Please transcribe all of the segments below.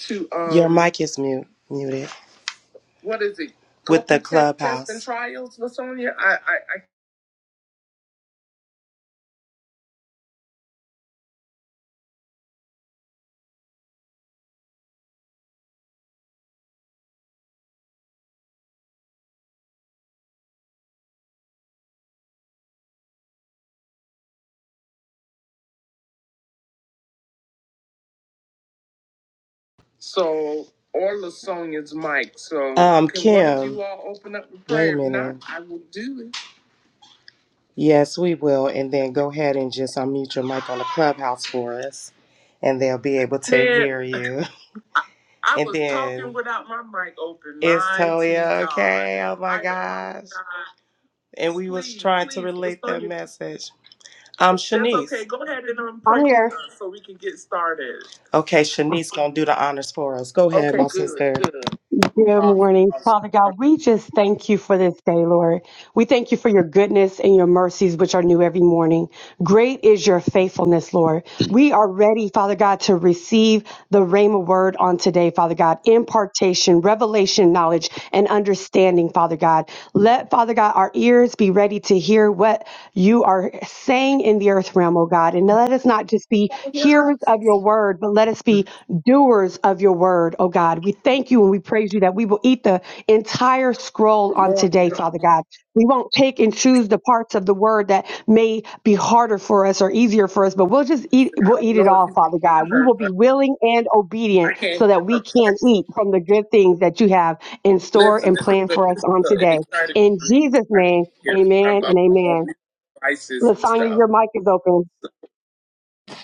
to Your um mic is mute, muted what is it go with the copy test test and clubhouse. trials lasonia i i, I so or lasonia's mic so Um, can one of you Kim, you all open up with wait a prayer if not minute. i will do it Yes, we will. And then go ahead and just unmute your mic on the clubhouse for us, and they'll be able to man hear you. i And was talking then without my mic open it's mighty Toya, god okay? Oh my i gosh. And we was please trying to please relate that lasonia message. Um, That's Shanice. okay. Go ahead and um, pray I'm here. for us so we can get started. Okay, Shanice gonna do the honors for us. Go ahead, Okay, my good, sister. good. Good Uh, morning. uh, Father uh, God, we just thank you for this day, Lord. We thank you for your goodness and your mercies, which are new every morning. Great is your faithfulness, Lord. We are ready, Father God, to receive the Rhema word on today, Father God. Impartation, revelation, knowledge, and understanding, Father God. Let, Father God, our ears be ready to hear what you are saying in the earth realm, oh God. And let us not just be hearers of your word, but let us be doers of your word, oh God. We thank you and we praise you that we will eat the entire scroll good on morning. today, Listen, Father God. We won't pick and choose the parts of the word that may be harder for us or easier for us, but we'll just eat I we'll don't eat it know if all, you can Father God. hear We her, will be but willing and I obedient can't so hear that we her can praying. eat from the good things that you have in store Listen, and this is, plan a, for this us is on a, an today. exciting In morning. Jesus' I can't name, hear. amen I'm, I'm, and I'm on amen. new devices and Lasagna, stuff. your mic is open.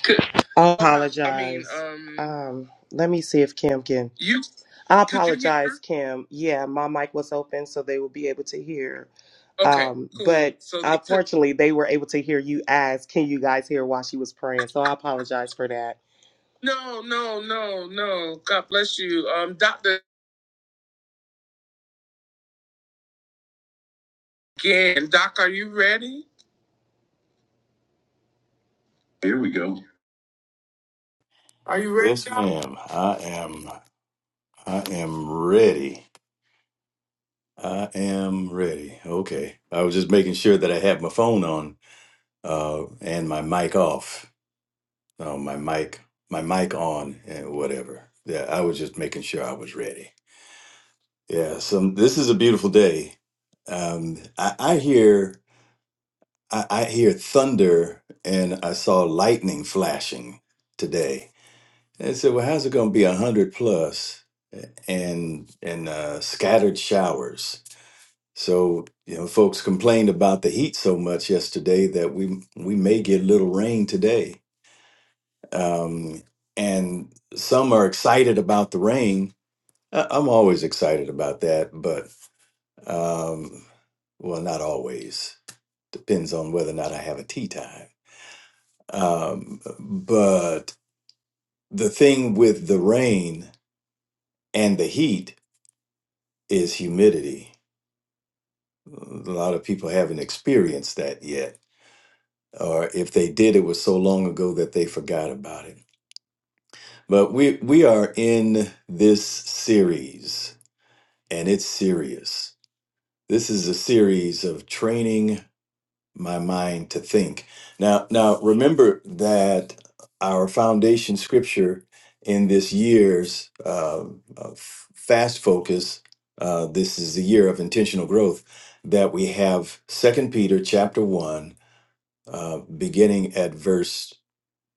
Could, I apologize. I mean, apologize. um, Um, let me see if Kim can. you I apologize, Kim. Yeah, my mic was open, so they will be able to hear. Okay, Um, cool. but So they could. unfortunately, took- they were able to hear you ask, "Can you guys hear?" while she was praying. So I apologize for that. No, no, no, no. God bless you, um, Doctor. Again, Doc, are you ready? Are you ready, Yes, Doc? ma'am. I am. I am ready. I am ready. Okay. I was just making sure that I had my phone on uh, and my mic off. No, my mic, my mic on, and whatever. Yeah, I was just making sure I was ready. Yeah. So this is a beautiful day. Um, I, I hear, I, I hear thunder, and I saw lightning flashing today. And I said, well, how's it going to be 100 plus and and uh, scattered showers? So, you know, folks complained about the heat so much yesterday that we we may get little rain today. Um, and some are excited about the rain. I- I'm always excited about that, but um, well, not always. Depends on whether or not I have a tea time. Um, but the thing with the rain and the heat is humidity. A lot of people haven't experienced that yet, or if they did, it was so long ago that they forgot about it. But we we are in this series, and it's serious. This is a series of training my mind to think. Now, now remember that our foundation scripture in this year's uh, uh, f- fast focus. Uh, this is the year of intentional growth that we have. Second Peter chapter one, uh, beginning at verse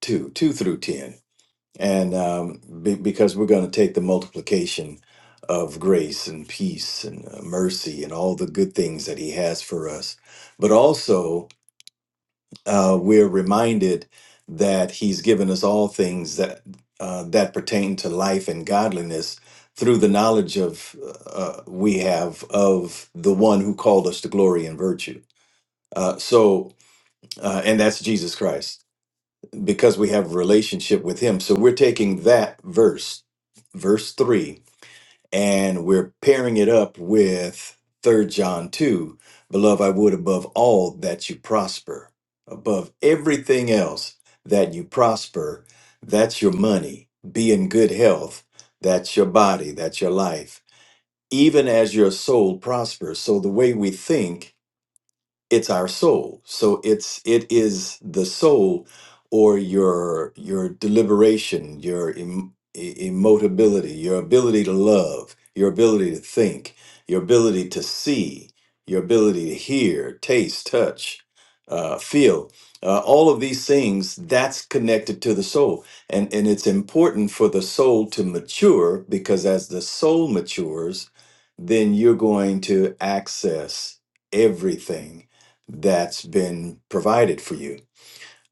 two, two through ten, and um, be, because we're going to take the multiplication of grace and peace and uh, mercy and all the good things that He has for us, but also uh, we're reminded that He's given us all things that uh, that pertain to life and godliness through the knowledge of uh, we have of the One who called us to glory and virtue. Uh, so, uh, and that's Jesus Christ, because we have a relationship with Him. So we're taking that verse, verse three, and we're pairing it up with Third John 2. Beloved, I would above all that you prosper, above everything else that you prosper. That's your money. Be in good health. That's your body. That's your life. Even as your soul prospers. So the way we think it's our soul so it's it is the soul or your your deliberation your em, e- emotability your ability to love your ability to think your ability to see your ability to hear taste touch uh, feel uh, all of these things that's connected to the soul and and it's important for the soul to mature because as the soul matures then you're going to access everything that's been provided for you.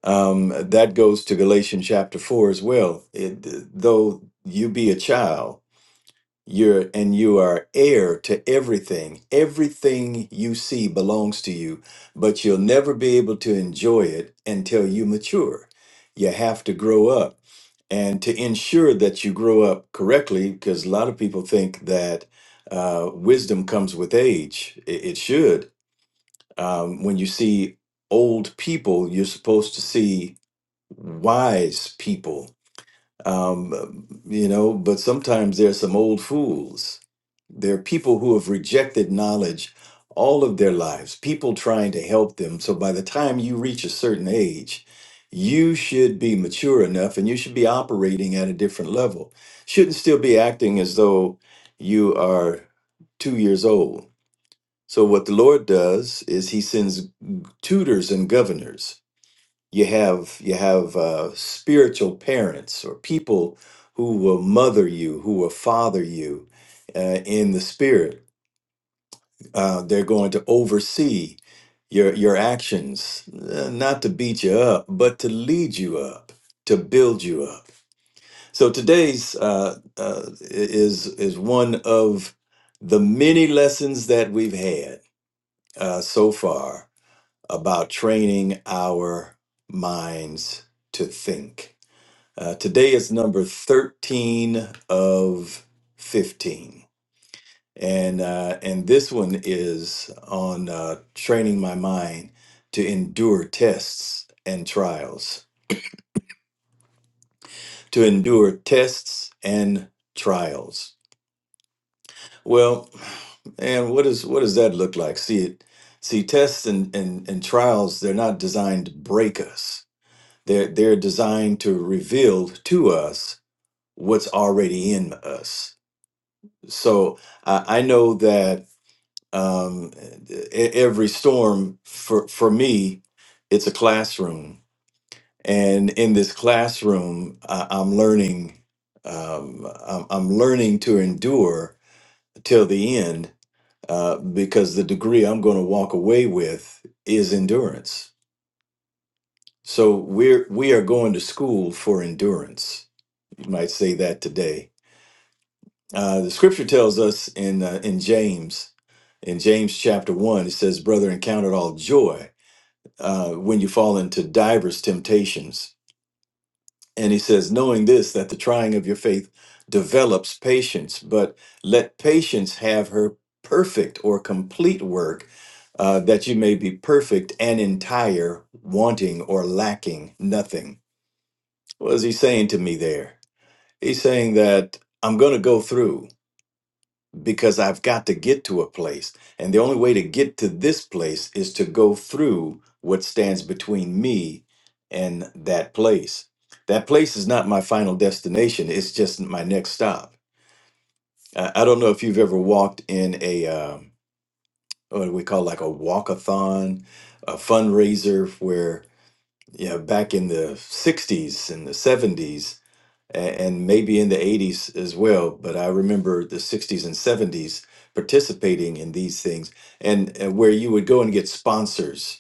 Um, that goes to Galatians chapter 4 as well. It, though you be a child, you're and you are heir to everything. Everything you see belongs to you, but you'll never be able to enjoy it until you mature. You have to grow up. And to ensure that you grow up correctly, because a lot of people think that uh, wisdom comes with age, it it should, um, when you see old people, you're supposed to see wise people. Um, you know, but sometimes there are some old fools. There are people who have rejected knowledge all of their lives, people trying to help them. So by the time you reach a certain age, you should be mature enough and you should be operating at a different level. Shouldn't still be acting as though you are two years old. So what the Lord does is he sends tutors and governors. You have you have uh, spiritual parents or people who will mother you, who will father you uh, in the spirit. Uh, they're going to oversee your your actions, uh, not to beat you up, but to lead you up, to build you up. So today's uh, uh, is is one of the many lessons that we've had uh, so far about training our minds to think. Uh, today is number 13 of 15. And, uh, and this one is on uh, training my mind to endure tests and trials. To endure tests and trials. Well, and what, is, what does that look like? See, it, see tests and, and, and trials, they're not designed to break us They're, they're designed to reveal to us what's already in us. So I, I know that um, e- every storm for, for me, it's a classroom. And in this classroom, I, I'm learning. Um, I'm, I'm learning to endure till the end uh, because the degree I'm going to walk away with is endurance. So we're we are going to school for endurance You might say that today. Uh, the scripture tells us in uh, in James, in James chapter one, it says, "Brethren, count it all joy uh, when you fall into divers temptations." And he says, knowing this, that the trying of your faith develops patience, but let patience have her perfect or complete work, uh, that you may be perfect and entire, wanting or lacking nothing. What is he saying to me there? He's saying that I'm going to go through. because I've got to get to a place. And the only way to get to this place is to go through what stands between me and that place. That place is not my final destination, it's just my next stop. I, I don't know if you've ever walked in a, um, what do we call like a walk-a-thon, a fundraiser where, yeah, back in the 60s and the 70s, and, and maybe in the 80s as well. But I remember the 60s and 70s participating in these things and, and where you would go and get sponsors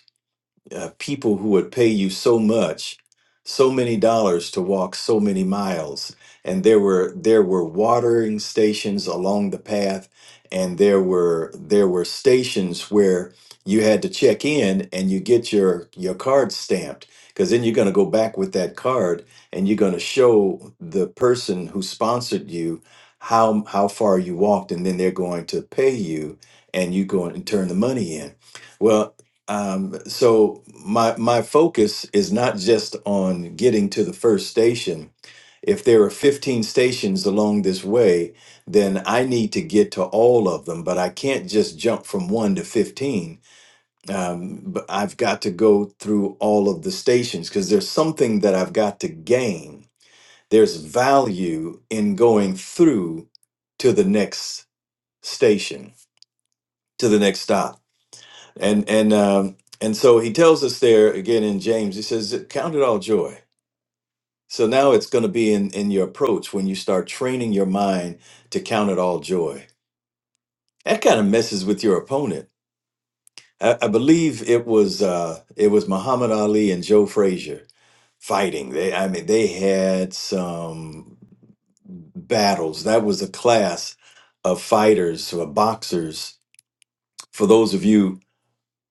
uh, people who would pay you so much, so many dollars to walk so many miles. And there were there were watering stations along the path, and there were there were stations where you had to check in and you get your your card stamped because then you're going to go back with that card and you're going to show the person who sponsored you how how far you walked and then they're going to pay you and you go and turn the money in. Well, um, so my my focus is not just on getting to the first station. If there are 15 stations along this way, then I need to get to all of them, but I can't just jump from one to 15. Um, but I've got to go through all of the stations because there's something that I've got to gain. There's value in going through to the next station, to the next stop and and um and so he tells us there again in james he says count it all joy so now it's going to be in in your approach when you start training your mind to count it all joy that kind of messes with your opponent i, I believe it was uh it was muhammad ali and joe frazier fighting they i mean they had some battles that was a class of fighters or boxers for those of you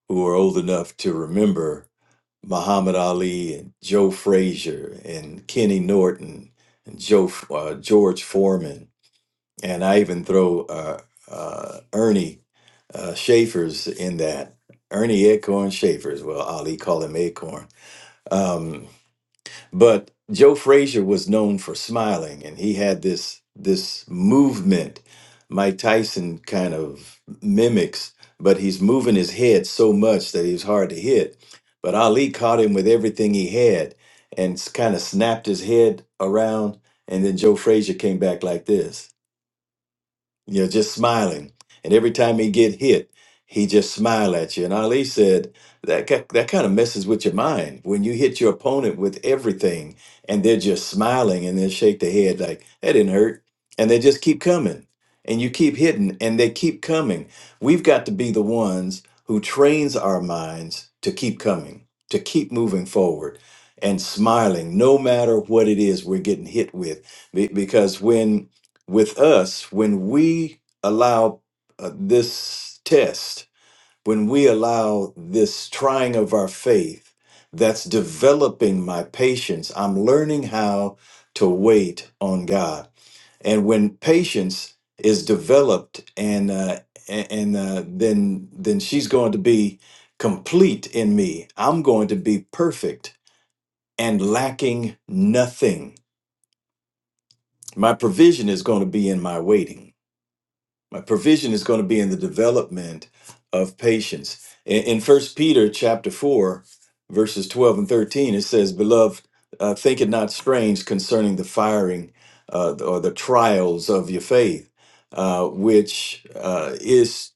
who are old enough to remember Muhammad Ali and Joe Frazier and Kenny Norton and Joe uh, George Foreman, and I even throw uh, uh, Ernie uh, Schaefer's in that. Ernie Acorn Schaefer's. Well, Ali called him Acorn. Um, but Joe Frazier was known for smiling, and he had this this movement. Mike Tyson kind of mimics, but he's moving his head so much that he was hard to hit. But Ali caught him with everything he had and kind of snapped his head around, and then Joe Frazier came back like this you are just smiling. And every time he get hit, he just smile at you. And Ali said that ki- that kind of messes with your mind when you hit your opponent with everything, and they're just smiling and they shake their head like that didn't hurt, and they just keep coming, and you keep hitting, and they keep coming. We've got to be the ones who trains our minds to keep coming, to keep moving forward, and smiling no matter what it is we're getting hit with, Be- because when with us when we allow uh, this test, when we allow this trying of our faith that's developing my patience. I'm learning how to wait on God. And when patience is developed and uh, a- and uh, then then she's going to be complete in me. I'm going to be perfect and lacking nothing. My provision is going to be in my waiting. my provision is going to be in the development of patience in, in first peter chapter 4 verses 12 and 13 it says beloved uh, think it not strange concerning the firing uh, or the trials of your faith uh, which uh, is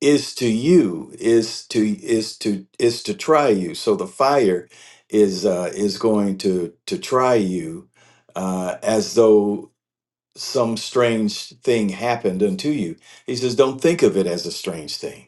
is to you is to is to is to try you so the fire is uh, is going to to try you uh, as though some strange thing happened unto you. He says, Don't think of it as a strange thing.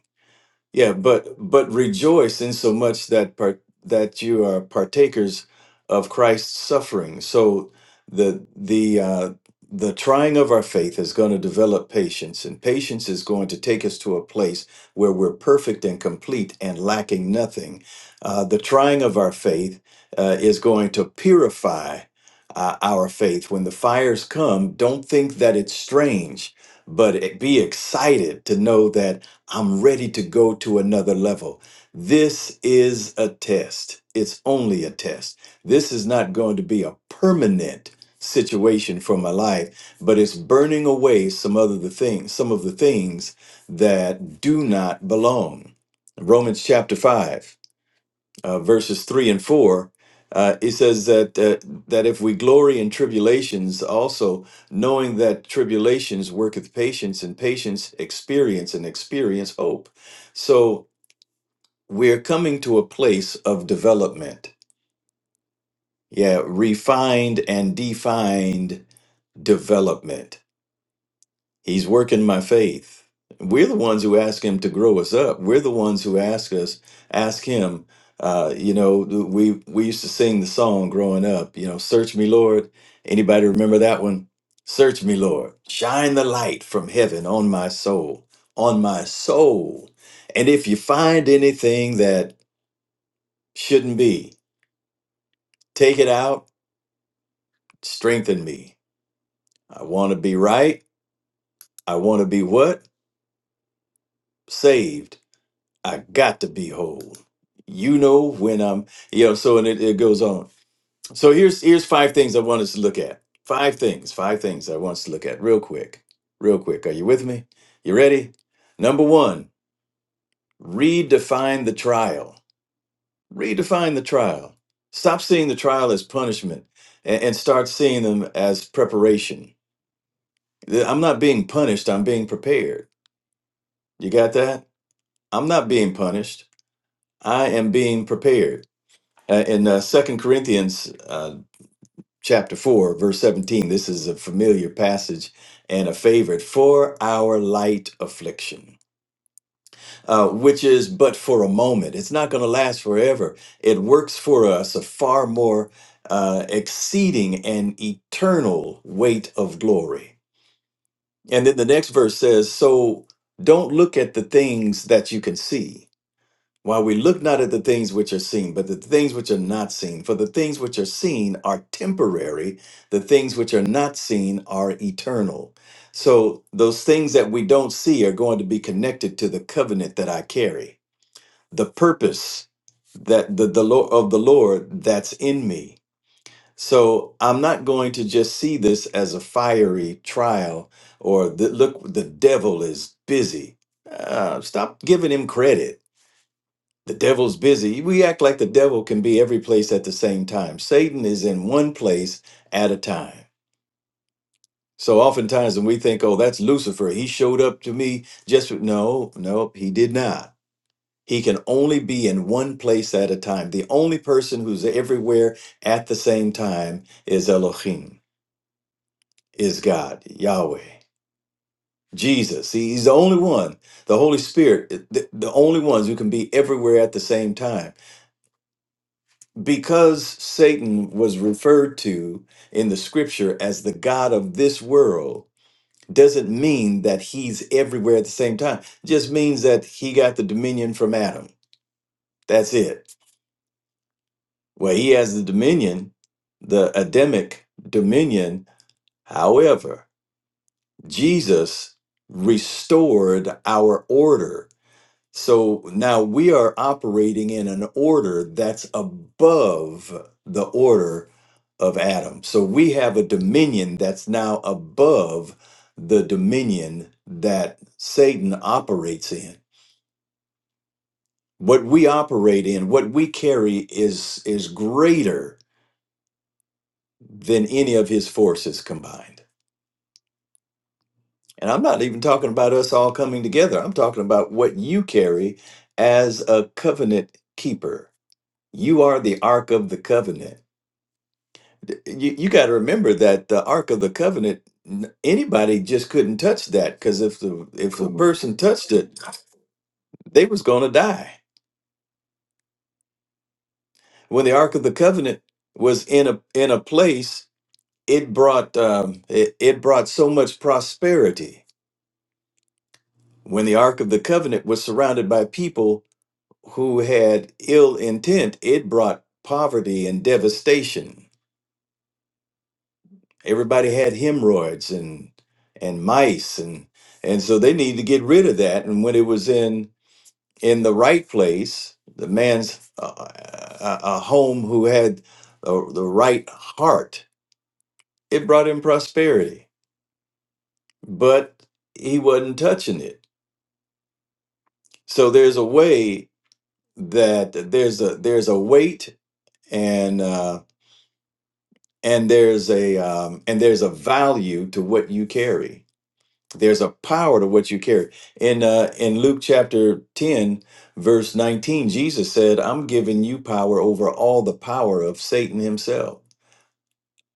Yeah, but but rejoice in so much that part that you are partakers of Christ's suffering. So the the uh, the trying of our faith is going to develop patience, and patience is going to take us to a place where we're perfect and complete and lacking nothing. Uh, the trying of our faith uh, is going to purify uh, our faith. When the fires come, don't think that it's strange, but be excited to know that. I'm ready to go to another level. This is a test. It's only a test. This is not going to be a permanent situation for my life, but it's burning away some other the things, some of the things that do not belong. Romans chapter 5 uh, verses three and four, uh, it says that uh, that if we glory in tribulations, also knowing that tribulations worketh patience, and patience experience, and experience hope. So we're coming to a place of development. Yeah, refined and defined development. He's working my faith. We're the ones who ask him to grow us up. We're the ones who ask us, ask him. Uh, you know, we we used to sing the song growing up. You know, search me, Lord. Anybody remember that one? Search me, Lord. Shine the light from heaven on my soul, on my soul. And if you find anything that shouldn't be, take it out. Strengthen me. I want to be right. I want to be what? Saved. I got to be whole. You know when I'm, you know. So and it, it goes on. So here's here's five things I want us to look at. Five things, five things I want us to look at real quick, real quick. Are you with me? You ready? Number one, redefine the trial. Redefine the trial. Stop seeing the trial as punishment and, and start seeing them as preparation. I'm not being punished. I'm being prepared. You got that? I'm not being punished. I am being prepared. Uh, in uh, 2 Corinthians uh, chapter 4, verse 17, this is a familiar passage and a favorite for our light affliction, uh, which is but for a moment. It's not going to last forever. It works for us a far more uh, exceeding and eternal weight of glory. And then the next verse says, So don't look at the things that you can see While we look not at the things which are seen, but the things which are not seen. For the things which are seen are temporary, the things which are not seen are eternal. So those things that we don't see are going to be connected to the covenant that I carry, the purpose that the, the Lord of the Lord that's in me. So I'm not going to just see this as a fiery trial or the, look, the devil is busy. Uh, stop giving him credit the devil's busy. We act like the devil can be every place at the same time. Satan is in one place at a time. So oftentimes when we think, oh, that's Lucifer, he showed up to me just no, no, nope, he did not. He can only be in one place at a time. The only person who's everywhere at the same time is Elohim, is God, Yahweh, Jesus. He- He's the only one, the Holy Spirit, eh, the the only ones who can be everywhere at the same time. Because Satan was referred to in the scripture as the God of this world doesn't mean that he's everywhere at the same time. Just means that he got the dominion from Adam. That's it. Well, he has the dominion, the Adamic dominion. However, Jesus restored our order So now we are operating in an order that's above the order of Adam. So we have a dominion that's now above the dominion that Satan operates in. What we operate in, what we carry is is greater than any of his forces combined. And I'm not even talking about us all coming together. I'm talking about what you carry as a covenant keeper You are the Ark of the Covenant. D- You, you got to remember that the Ark of the Covenant, n- anybody just couldn't touch that because if the if a Come on. person touched it, they was going to die. When the Ark of the Covenant was in a in a place, it brought um, it, it brought so much prosperity. When the Ark of the Covenant was surrounded by people who had ill intent, it brought poverty and devastation everybody had hemorrhoids and and mice and and so they needed to get rid of that and when it was in in the right place the man's uh, a, a home who had the, the right heart it brought him prosperity but he wasn't touching it so there's a way that there's a there's a weight and uh and there's a um and there's a value to what you carry there's a power to what you carry. In uh, in Luke chapter 10, verse 19, Jesus said, I'm giving you power over all the power of Satan himself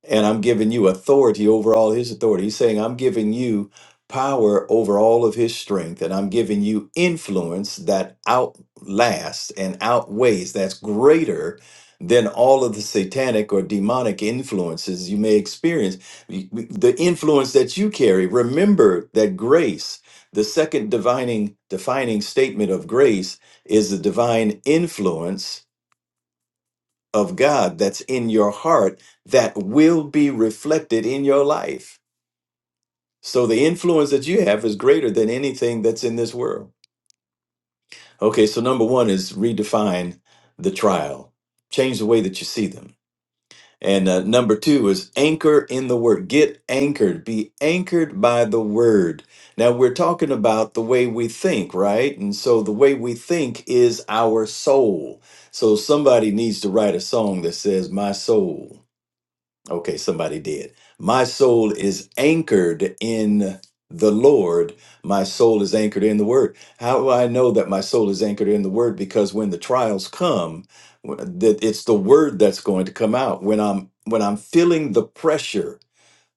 and I'm giving you authority over all his authority. He's saying, I'm giving you power over all of his strength, and I'm giving you influence that outlasts and outweighs, that's greater than all of the satanic or demonic influences you may experience. Y- y- The influence that you carry, remember that grace, the second divining, defining statement of grace, is the divine influence of God that's in your heart that will be reflected in your life. So the influence that you have is greater than anything that's in this world. Okay, so number one is redefine the trial, change the way that you see them. And uh, number two is anchor in the word. Get anchored, be anchored by the word. Now, we're talking about the way we think, right? And so the way we think is our soul. So somebody needs to write a song that says, My soul. Okay, somebody did. My soul is anchored in the Lord. My soul is anchored in the Word. How do I know that my soul is anchored in the Word? Because when the trials come, wh- that it's the Word that's going to come out. When I'm when I'm feeling the pressure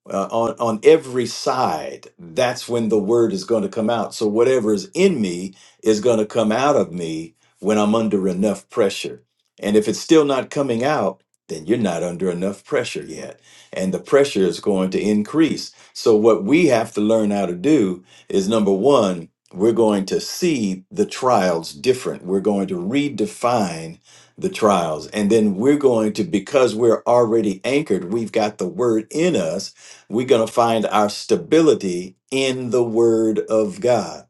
uh, on on every side that's when the word is going to come out so whatever is in me is going to come out of me when i'm under enough pressure and if it's still not coming out then you're not under enough pressure yet and the pressure is going to increase so what we have to learn how to do is number 1 we're going to see the trials different we're going to redefine the trials and then we're going to because we're already anchored we've got the word in us we're going to find our stability in the Word of God.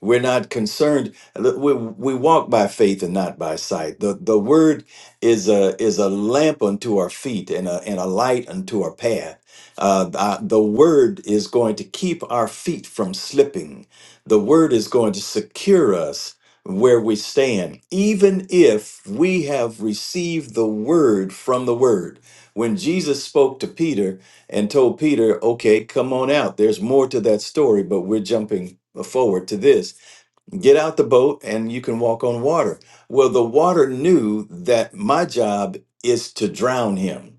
We're not concerned. We, we walk by faith and not by sight. The, the Word is a, is a lamp unto our feet and a, and a light unto our path. Uh, the the Word is going to keep our feet from slipping, the Word is going to secure us where we stand, even if we have received the Word from the Word. When Jesus spoke to Peter, and told Peter, okay, come on out. There's more to that story, but we're jumping forward to this. Get out the boat and you can walk on water. Well, the water knew that my job is to drown him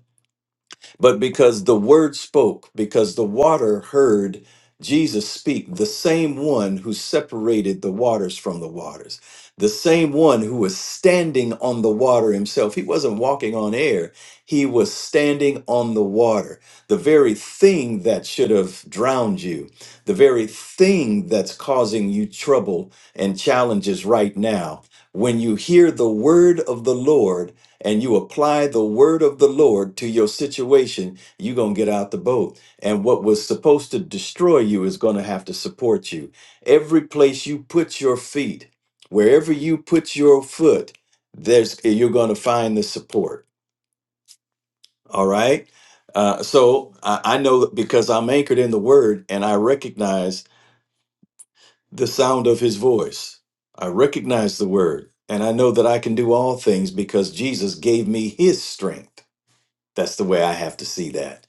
but because the word spoke, because the water heard Jesus speak, the same one who separated the waters from the waters, the same one who was standing on the water himself. He wasn't walking on air, he was standing on the water. The very thing that should have drowned you, the very thing that's causing you trouble and challenges right now. When you hear the word of the Lord, and you apply the word of the Lord to your situation, you're going to get out the boat. And what was supposed to destroy you is going to have to support you. Every place you put your feet, wherever you put your foot, there's you're going to find the support. All right. Uh, so I, I know that because I'm anchored in the word and I recognize the sound of his voice. I recognize the word and I know that I can do all things because Jesus gave me his strength. That's the way I have to see that.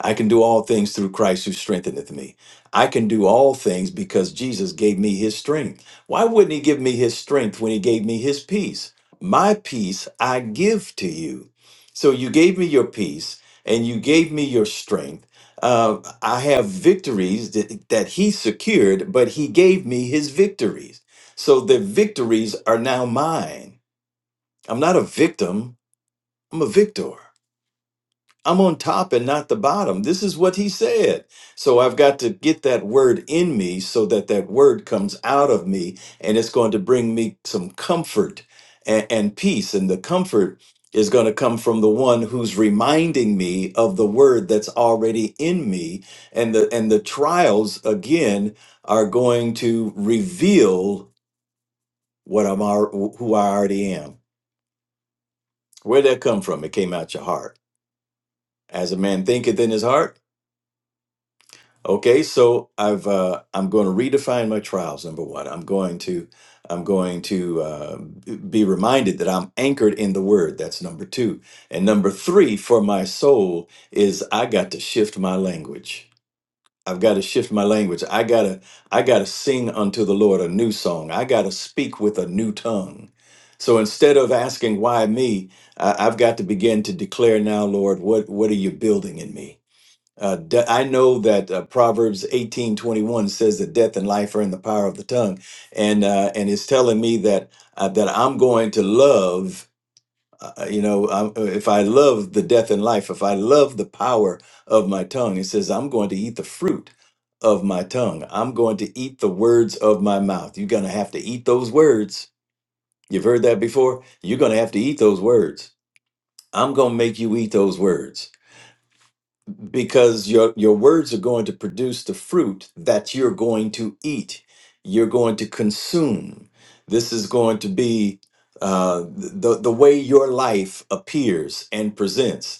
I can do all things through Christ who strengtheneth me. I can do all things because Jesus gave me his strength. Why wouldn't he give me his strength when he gave me his peace? My peace I give to you. So you gave me your peace and you gave me your strength. Uh, I have victories that, that he secured, but he gave me his victories. So the victories are now mine. I'm not a victim, I'm a victor. I'm on top and not the bottom. This is what he said. So I've got to get that word in me so that that word comes out of me and it's going to bring me some comfort and, and peace. And the comfort is going to come from the one who's reminding me of the word that's already in me. And the, and the trials again are going to reveal what I'm, al- who I already am. Where'd that come from? It came out your heart. As a man thinketh in his heart, Okay, so I've uh, I'm going to redefine my trials. Number one, I'm going to I'm going to uh, b- be reminded that I'm anchored in the Word. That's number two, and number three for my soul is I got to shift my language. I've got to shift my language. I gotta I gotta sing unto the Lord a new song. I gotta speak with a new tongue. So instead of asking why me, I, I've got to begin to declare now, Lord, what what are you building in me? Uh, de- I know that uh, Proverbs eighteen twenty one says that death and life are in the power of the tongue, and uh, and it's telling me that uh, that I'm going to love. Uh, you know, I'm, uh, if I love the death and life, if I love the power of my tongue, it says I'm going to eat the fruit of my tongue. I'm going to eat the words of my mouth. You're going to have to eat those words. You've heard that before. You're going to have to eat those words. I'm going to make you eat those words because your your words are going to produce the fruit that you're going to eat you're going to consume this is going to be uh, the the way your life appears and presents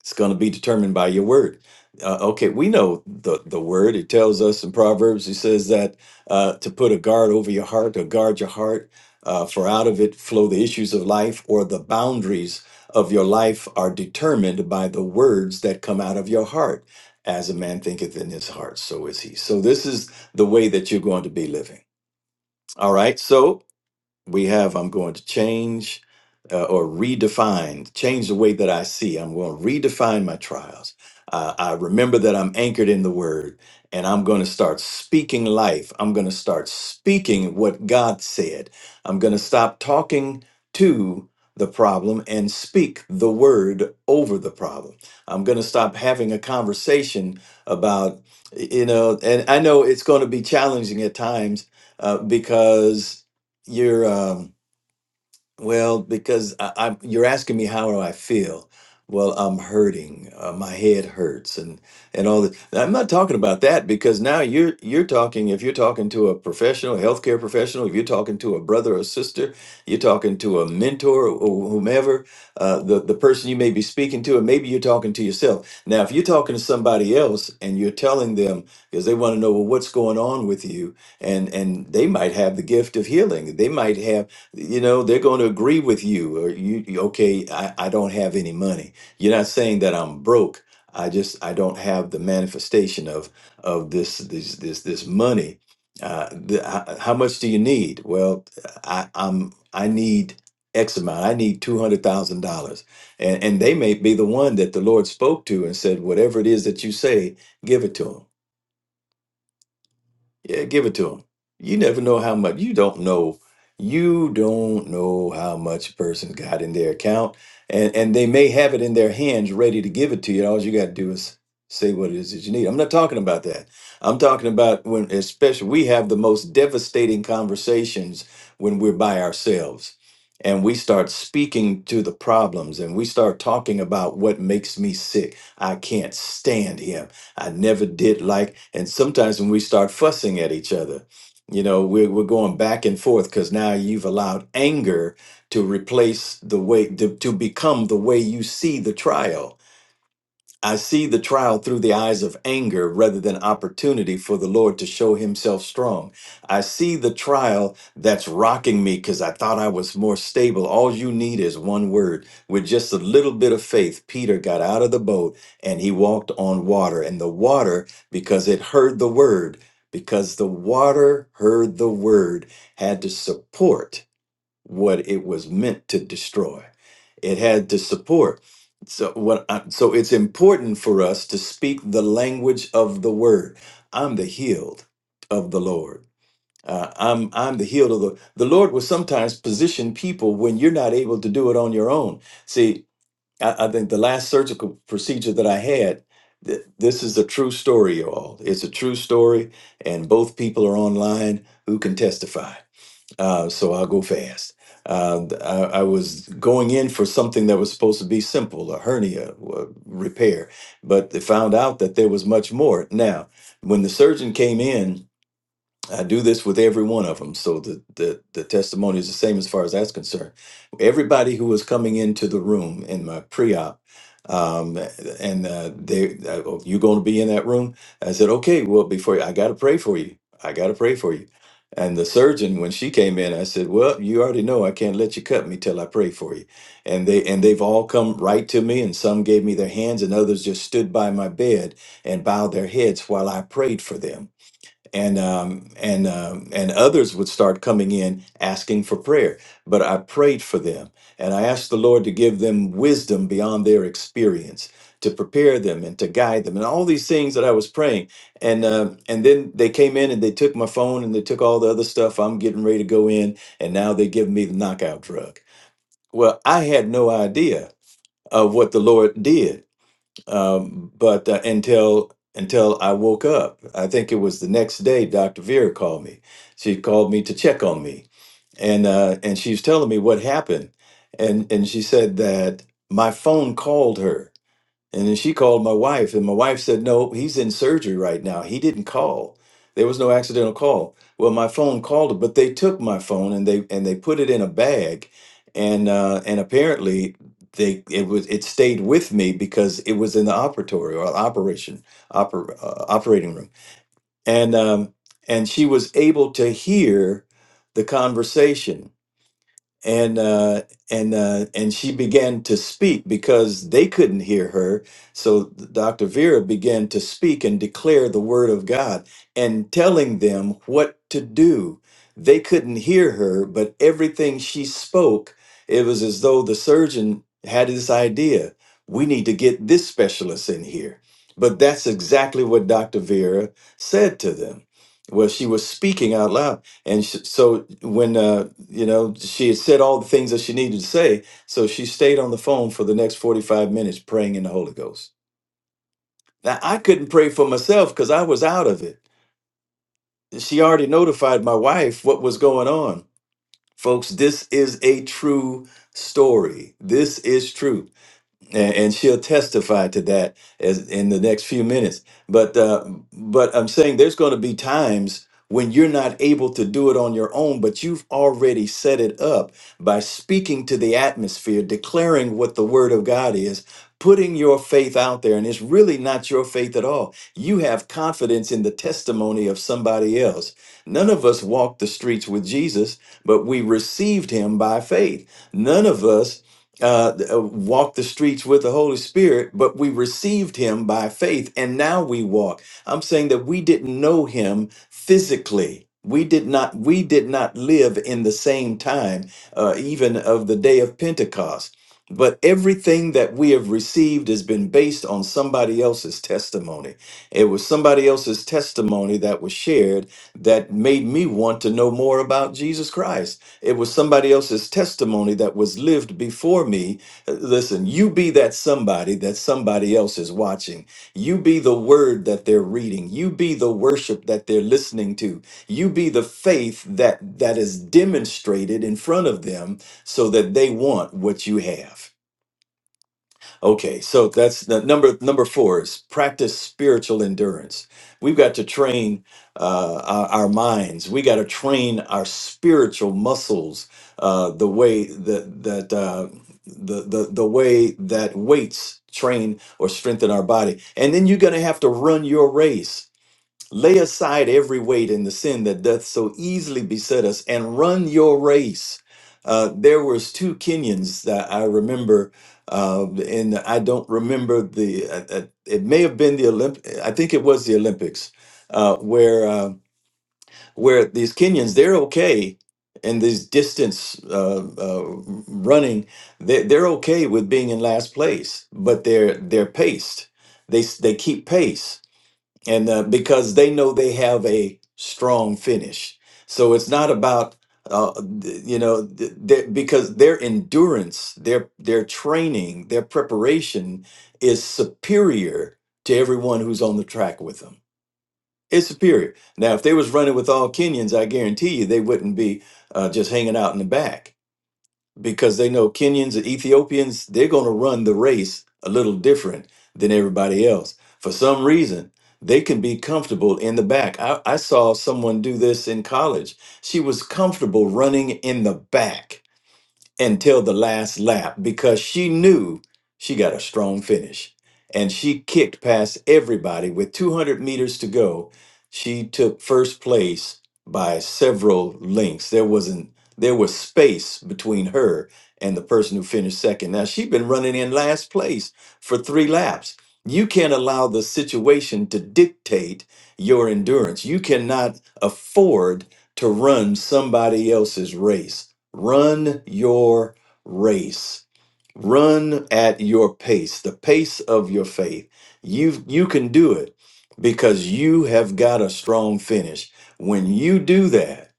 it's going to be determined by your word. Uh, okay, we know the, the word. It tells us in Proverbs, it says that uh, to put a guard over your heart or guard your heart, uh, for out of it flow the issues of life, or the boundaries of your life are determined by the words that come out of your heart. As a man thinketh in his heart, so is he. So, this is the way that you're going to be living. All right. So, we have i'm going to change uh, or redefine change the way that i see i'm going to redefine my trials uh, i remember that i'm anchored in the word and i'm going to start speaking life i'm going to start speaking what god said i'm going to stop talking to the problem and speak the word over the problem i'm going to stop having a conversation about you know and i know it's going to be challenging at times uh, because you're um well because I, I'm you're asking me how do I feel? Well, I'm hurting. Uh, my head hurts and and all that. I'm not talking about that because now you're you're talking if you're talking to a professional, a healthcare professional, if you're talking to a brother or sister, you're talking to a mentor or whomever, uh, the the person you may be speaking to, and maybe you're talking to yourself. Now, if you're talking to somebody else and you're telling them because they want to know well what's going on with you, and and they might have the gift of healing. They might have you know they're going to agree with you or you you- okay I, I don't have any money you're not saying that i'm broke i just i don't have the manifestation of of this this this this money uh the, how, how much do you need well i i'm i need x amount i need $200000 and and they may be the one that the lord spoke to and said whatever it is that you say give it to them yeah, give it to them. You never know how much. You don't know. You don't know how much a person got in their account, and and they may have it in their hands, ready to give it to you. All you got to do is say what it is that you need. I'm not talking about that. I'm talking about when, especially, we have the most devastating conversations when we're by ourselves, and we start speaking to the problems, and we start talking about what makes me sick. I can't stand him. I never did like. And sometimes when we start fussing at each other, you know, we're, we're going back and forth because now you've allowed anger to replace the way, to, to become the way you see the trial I see the trial through the eyes of anger rather than opportunity for the Lord to show himself strong. I see the trial that's rocking me because I thought I was more stable. All you need is one word. With just a little bit of faith, Peter got out of the boat and he walked on water. And the water, because it heard the word, because the water heard the word, had to support what it was meant to destroy. It had to support. So what? I, so it's important for us to speak the language of the word. I'm the healed of the Lord. Uh, I'm I'm the healed of the the Lord. Will sometimes position people when you're not able to do it on your own. See, I, I think the last surgical procedure that I had. th- This is a true story, y'all. It's a true story, and both people are online who can testify uh, so I'll go fast. Uh, I, I was going in for something that was supposed to be simple, a hernia uh, repair, but they found out that there was much more. Now, when the surgeon came in, I do this with every one of them. So the, the, the testimony is the same as far as that's concerned. Everybody who was coming into the room in my pre-op, um, and uh, they, uh, oh, you going to be in that room? I said, okay, well, before I got to pray for you. I got to pray for you. And the surgeon, when she came in, I said, well, you already know I can't let you cut me till I pray for you. And they, and they've all come right to me and some gave me their hands and others just stood by my bed and bowed their heads while I prayed for them and um, and um, and others would start coming in asking for prayer. But I prayed for them, and I asked the Lord to give them wisdom beyond their experience, to prepare them and to guide them, and all these things that I was praying. And um and then they came in and they took my phone and they took all the other stuff. I'm getting ready to go in, and now they give me the knockout drug. Well, I had no idea of what the Lord did um, but uh, until until I woke up, I think it was the next day. Dr. Vera called me. She called me to check on me, and uh, and she was telling me what happened, and and she said that my phone called her and then she called my wife, and my wife said, No, he's in surgery right now. He didn't call. There was no accidental call. Well, my phone called it, but they took my phone and they and they put it in a bag, and uh, and apparently they it was it stayed with me because it was in the operatory or operation oper, uh, operating room, and um, and she was able to hear the conversation and uh, and uh, and she began to speak because they couldn't hear her. So Dr. Vera began to speak and declare the word of God and telling them what to do. They couldn't hear her, but everything she spoke, it was as though the surgeon had this idea: we need to get this specialist in here. But that's exactly what Dr. Vera said to them. Well, she was speaking out loud, and sh- so when uh, you know she had said all the things that she needed to say so she stayed on the phone for the next 45 minutes praying in the holy ghost now i couldn't pray for myself because i was out of it she already notified my wife what was going on folks this is a true story this is true and, and she'll testify to that as in the next few minutes. But uh, but I'm saying there's going to be times when you're not able to do it on your own, but you've already set it up by speaking to the atmosphere, declaring what the Word of God is. Putting your faith out there, and it's really not your faith at all. You have confidence in the testimony of somebody else. None of us walked the streets with Jesus, but we received him by faith. None of us uh, uh, walked the streets with the Holy Spirit, but we received him by faith and now we walk. I'm saying that we didn't know him physically. We did not we did not live in the same time uh, even of the day of Pentecost. But everything that we have received has been based on somebody else's testimony. It was somebody else's testimony that was shared that made me want to know more about Jesus Christ. It was somebody else's testimony that was lived before me. Uh, Listen, you be that somebody that somebody else is watching. You be the word that they're reading. You be the worship that they're listening to. You be the faith that that is demonstrated in front of them so that they want what you have. Okay, so that's the number number four is practice spiritual endurance. We've got to train uh, our, our minds. We got to train our spiritual muscles uh, the way that that uh, the, the the way that weights train or strengthen our body. And then you're going to have to run your race. Lay aside every weight and the sin that doth so easily beset us, and run your race. Uh, there was two Kenyans that I remember, uh, and I don't remember the. Uh, uh, it may have been the Olymp. I think it was the Olympics, uh, where uh, where these Kenyans they're okay, and these distance uh, uh, running they they're okay with being in last place, but they're they're paced. They s- they keep pace and uh, because they know they have a strong finish so it's not about uh, th- you know th- th- because their endurance their their training their preparation is superior to everyone who's on the track with them it's superior now if they was running with all kenyans i guarantee you they wouldn't be uh, just hanging out in the back because they know Kenyans and Ethiopians, they're going to run the race a little different than everybody else. For some reason, they can be comfortable in the back. I, I saw someone do this in college. She was comfortable running in the back until the last lap because she knew she got a strong finish. And she kicked past everybody with 200 meters to go. She took first place by several lengths. There wasn't there was space between her and the person who finished second. Now she'd been running in last place for 3 laps. You can't allow the situation to dictate your endurance. You cannot afford to run somebody else's race Run your race. Run at your pace, the pace of your faith. You you can do it because you have got a strong finish. When you do that,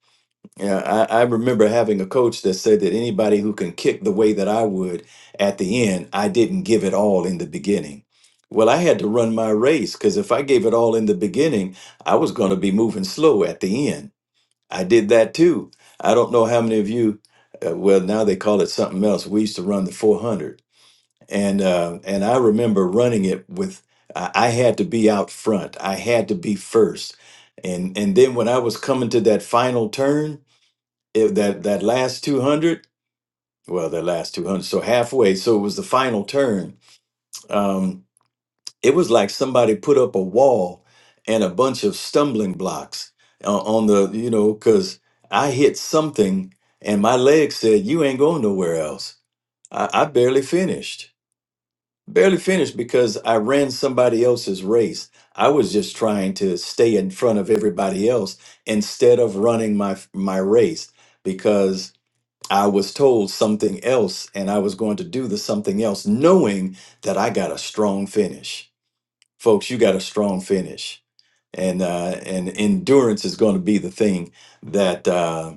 yeah, I, I remember having a coach that said that anybody who can kick the way that I would at the end, I didn't give it all in the beginning. Well, I had to run my race because if I gave it all in the beginning, I was going to be moving slow at the end. I did that too. I don't know how many of you. Uh, well, now they call it something else. We used to run the 400, and uh, and I remember running it with. I I had to be out front. I had to be first, and and then when I was coming to that final turn, it, that that last 200. Well, that last 200, so halfway. So it was the final turn. Um, it was like somebody put up a wall and a bunch of stumbling blocks uh, on the you know because i hit something and my leg said you ain't going nowhere else I, I barely finished barely finished because i ran somebody else's race i was just trying to stay in front of everybody else instead of running my my race because i was told something else and i was going to do the something else knowing that i got a strong finish folks, you got a strong finish, and uh, and endurance is going to be the thing that uh,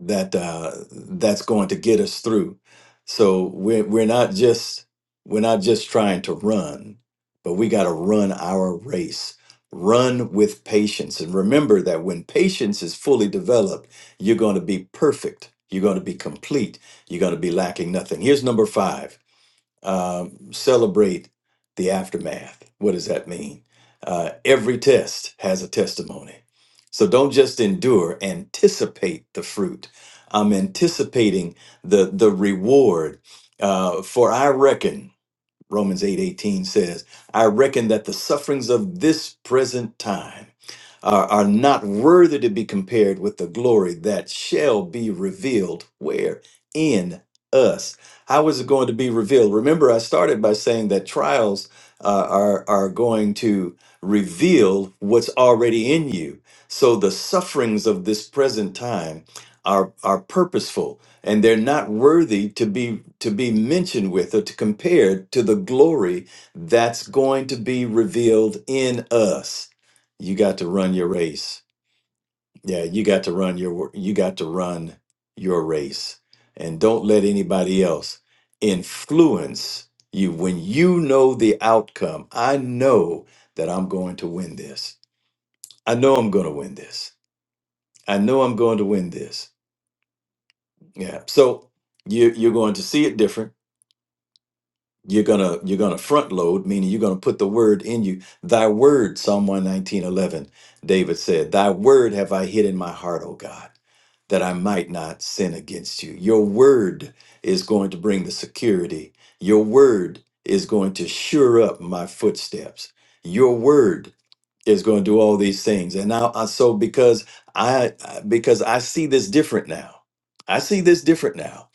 that uh, that's going to get us through. So we're we're not just we're not just trying to run, but we got to run our race. Run with patience, and remember that when patience is fully developed, you're going to be perfect. You're going to be complete. You're going to be lacking nothing. Here's number five um, celebrate the aftermath. What does that mean? Uh, every test has a testimony. So don't just endure, anticipate the fruit. I'm anticipating the, the reward. Uh, for I reckon Romans 8 18 says, I reckon that the sufferings of this present time are, are not worthy to be compared with the glory that shall be revealed. Where? In us. How is it going to be revealed? Remember, I started by saying that trials uh, are, are going to reveal what's already in you. So the sufferings of this present time are, are purposeful and they're not worthy to be to be mentioned with or to compared to the glory that's going to be revealed in us you got to run your race yeah you got to run your wor- you got to run your race and don't let anybody else influence you when you know the outcome i know that i'm going to win this i know i'm going to win this i know i'm going to win this yeah so you, you're going to see it different you're gonna you're gonna front load meaning you're gonna put the word in you thy word psalm one nineteen eleven. david said thy word have i hid in my heart o god that i might not sin against you your word is going to bring the security your word is going to sure up my footsteps your word is going to do all these things and now I, so because i I- because i see this different now i see this different now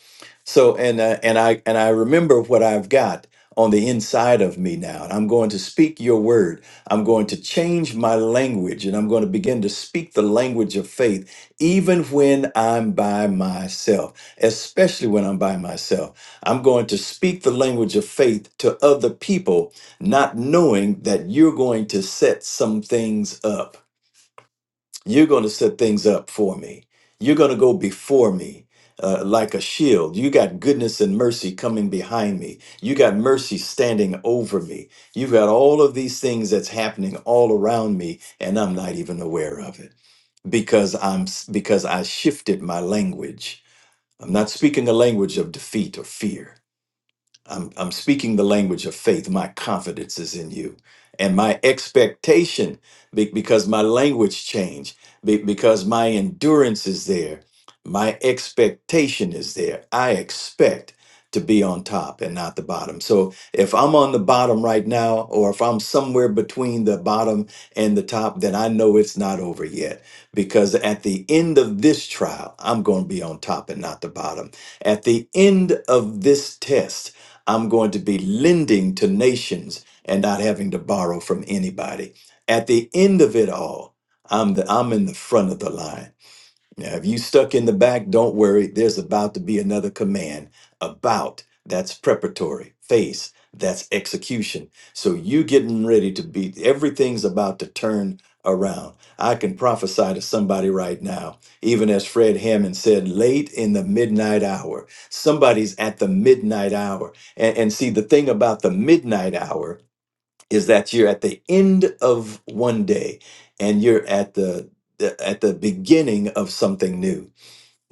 so and uh, and i and i remember what i've got on the inside of me now and i'm going to speak your word i'm going to change my language and i'm going to begin to speak the language of faith even when i'm by myself especially when i'm by myself i'm going to speak the language of faith to other people not knowing that you're going to set some things up. You're going to set things up for me. You're going to go before me uh, like a shield. You got goodness and mercy coming behind me. You got mercy standing over me. You've got all of these things that's happening all around me, and I'm not even aware of it because I'm because I shifted my language. I'm not speaking a language of defeat or fear. I'm, I'm speaking the language of faith. My confidence is in you. And my expectation, be- because my language changed, be- because my endurance is there, my expectation is there. I expect to be on top and not the bottom. So if I'm on the bottom right now, or if I'm somewhere between the bottom and the top, then I know it's not over yet. Because at the end of this trial, I'm going to be on top and not the bottom. At the end of this test, I'm going to be lending to nations and not having to borrow from anybody. At the end of it all, I'm the, I'm in the front of the line. Now, if you stuck in the back, don't worry. There's about to be another command. About, that's preparatory. Face, that's execution. So you getting ready to be, everything's about to turn around. I can prophesy to somebody right now, even as Fred Hammond said, late in the midnight hour. Somebody's at the midnight hour. And, and see, the thing about the midnight hour is that you're at the end of one day and you're at the the- at the beginning of something new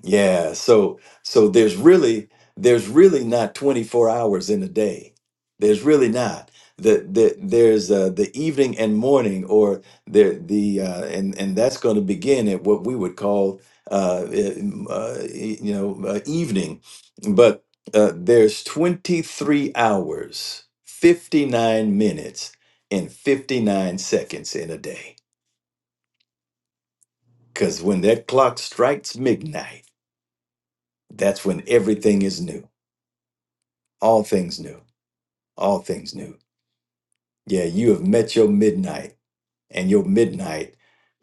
yeah, so so there's really there's really not 24 hours in a day. There's really not. The, the there's uh, the evening and morning or the the uh, and and that's going to begin at what we would call uh, um, uh e, you know uh, evening. But uh, there's 23 hours, 59 minutes and 59 seconds in a day. Because when that clock strikes midnight, that's when everything is new. All things new. All things new. Yeah, you have met your midnight, and your midnight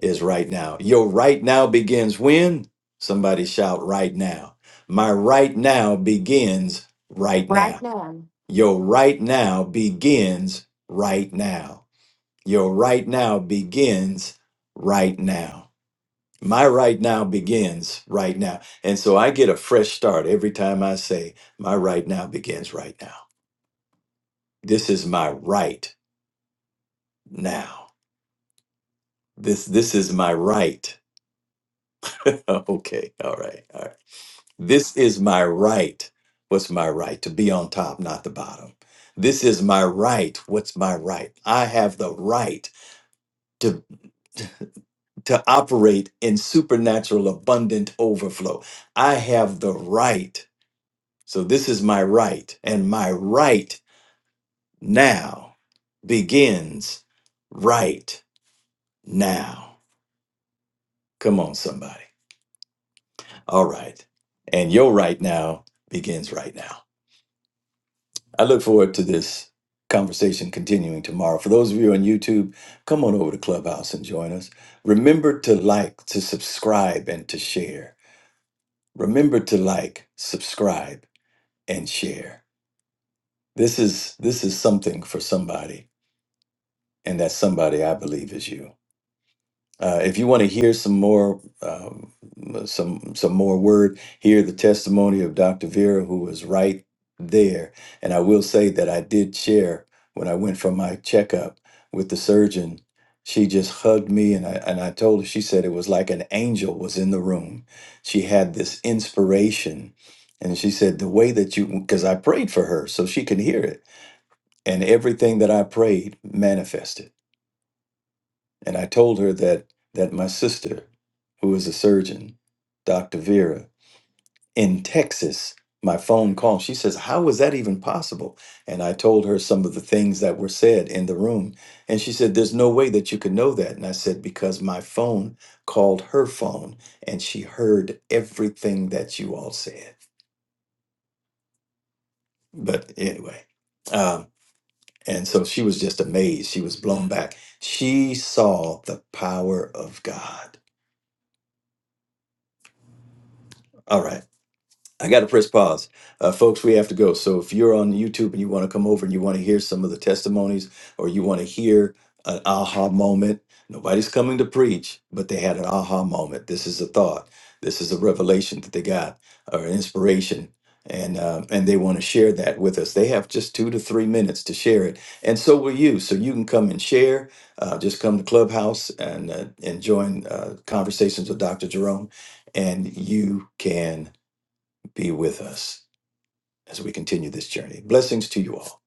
is right now. Your right now begins when? Somebody shout right now. My right now begins right Right now. now. Your right now begins right now. Your right now begins right now. My right now begins right now. And so I get a fresh start every time I say, My right now begins right now. This is my right now. This this is my right. okay, all right, all right. This is my right. What's my right? To be on top, not the bottom. This is my right. What's my right? I have the right to to operate in supernatural abundant overflow. I have the right. So this is my right. And my right now begins right now. Come on, somebody. All right. And your right now begins right now. I look forward to this conversation continuing tomorrow. For those of you on YouTube, come on over to Clubhouse and join us. Remember to like, to subscribe, and to share. Remember to like, subscribe, and share. This is this is something for somebody, and that somebody I believe is you. Uh, if you want to hear some more, um, some some more word, hear the testimony of Dr. Vera, who was right there. And I will say that I did share when I went for my checkup with the surgeon. She just hugged me, and I and I told her. She said it was like an angel was in the room. She had this inspiration, and she said the way that you because I prayed for her so she can hear it, and everything that I prayed manifested. And I told her that that my sister, who is a surgeon, Dr. Vera, in Texas, my phone call. She says, How was that even possible? And I told her some of the things that were said in the room. And she said, There's no way that you could know that. And I said, Because my phone called her phone and she heard everything that you all said. But anyway. Um, and so she was just amazed. She was blown back. She saw the power of God. All right. I got to press pause. Uh, folks, we have to go. So if you're on YouTube and you want to come over and you want to hear some of the testimonies or you want to hear an aha moment, nobody's coming to preach, but they had an aha moment. This is a thought. This is a revelation that they got or an inspiration. And, uh, and they want to share that with us. They have just two to three minutes to share it. And so will you. So you can come and share. Uh, just come to Clubhouse and, uh, and join uh, Conversations with Dr. Jerome, and you can be with us as we continue this journey. Blessings to you all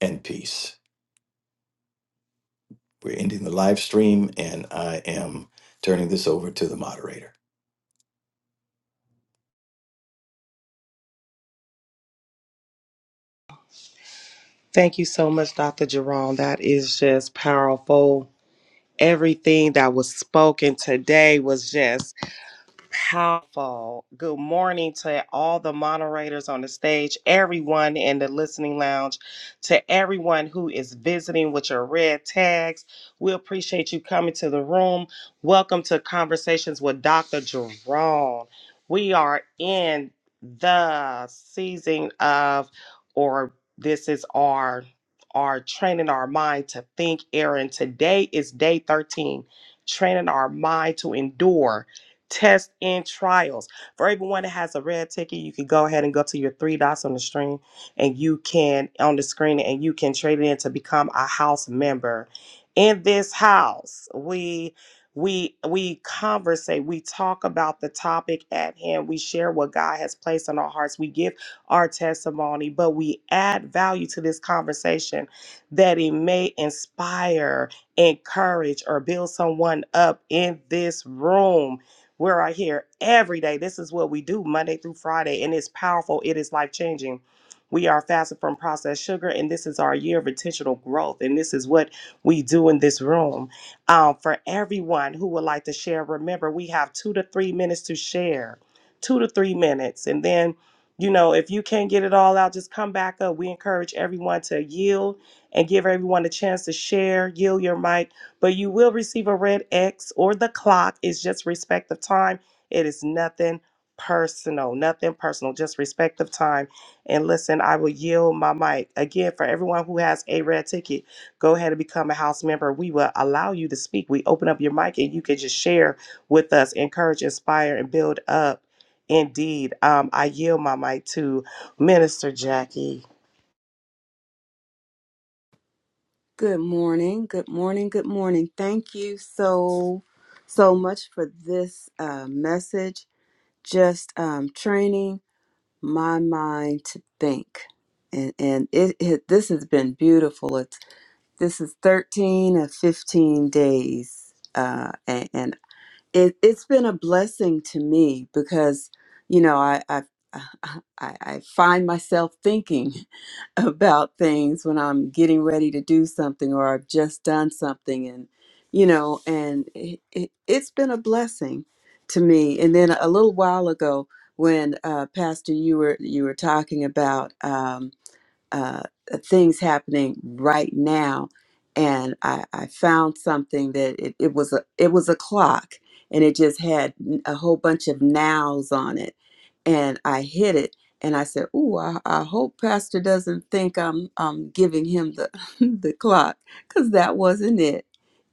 and peace. We're ending the live stream and I am turning this over to the moderator. Thank you so much, Dr. Jerome. That is just powerful. Everything that was spoken today was just powerful. Good morning to all the moderators on the stage, everyone in the listening lounge, to everyone who is visiting with your red tags. We appreciate you coming to the room. Welcome to Conversations with Dr. Jerome. We are in the season of, or this is our our training our mind to think, Aaron. Today is day 13, training our mind to endure tests and trials. For everyone that has a red ticket, you can go ahead and go to your three dots on the screen and you can on the screen and you can trade it in to become a house member. In this house, we we we conversate, we talk about the topic at hand, we share what God has placed on our hearts, we give our testimony, but we add value to this conversation that it may inspire, encourage, or build someone up in this room. We're right here every day. This is what we do Monday through Friday, and it's powerful. It is life changing. We are fasted from processed sugar, and this is our year of intentional growth. And this is what we do in this room. Um, for everyone who would like to share, remember we have two to three minutes to share, two to three minutes. And then, you know, if you can't get it all out, just come back up. We encourage everyone to yield and give everyone a chance to share, yield your mic but you will receive a red X or the clock. It's just respect of time. It is nothing personal, nothing personal, just respect of time. And listen, I will yield my mic. Again, for everyone who has a red ticket, go ahead and become a house member. We will allow you to speak. We open up your mic and you can just share with us, encourage, inspire, and build up. Indeed, um, I yield my mic to Minister Jackie. Good morning. Good morning. Good morning. Thank you so, so much for this uh, message. Just um, training my mind to think, and and it, it this has been beautiful. It's this is thirteen of fifteen days, uh, and, and it, it's been a blessing to me because you know I, I I I find myself thinking about things when I'm getting ready to do something or I've just done something and you know and it, it, it's been a blessing to me and then a little while ago when uh, pastor you were you were talking about um, uh, things happening right now, and I, I found something that it, it was a it was a clock, and it just had n- a whole bunch of nows on it, and I hit it, and I said, "Ooh, I, I hope Pastor doesn't think I'm I'm giving him the the clock, because that wasn't it.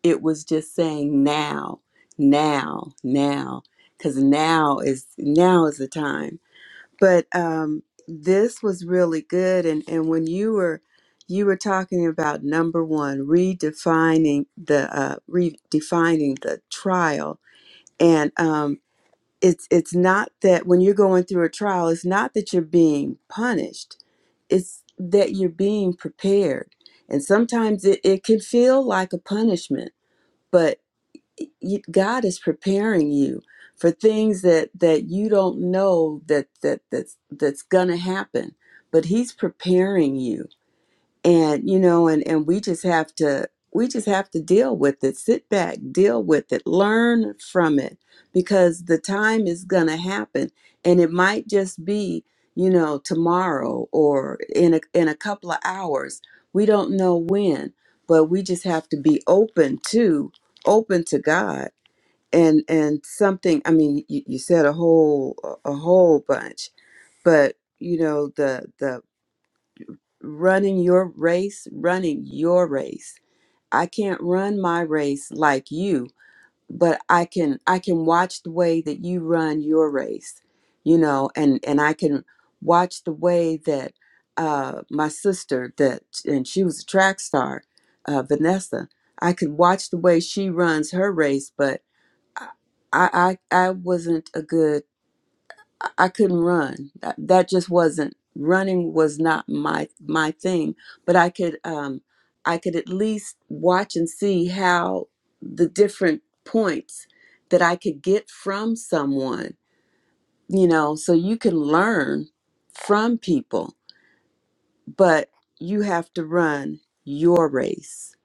It was just saying now, now, now, because now is now is the time." but um, this was really good and and when you were you were talking about number one redefining the uh, redefining the trial and um, it's it's not that when you're going through a trial it's not that you're being punished it's that you're being prepared and sometimes it, it can feel like a punishment but you, God is preparing you for things that that you don't know that that that's that's gonna happen, but He's preparing you, and you know, and and we just have to we just have to deal with it. Sit back, deal with it, learn from it, because the time is gonna happen, and it might just be you know tomorrow or in a in a couple of hours. We don't know when, but we just have to be open to open to God and and something i mean you, you said a whole a whole bunch but you know the the running your race running your race i can't run my race like you but i can i can watch the way that you run your race you know and and i can watch the way that uh my sister that and she was a track star uh vanessa i could watch the way she runs her race but I, I, I wasn't a good. I I couldn't run. That, that just wasn't running was not my my thing. But I could, um, I could at least watch and see how the different points that I could get from someone. You know, so you can learn from people, but you have to run your race,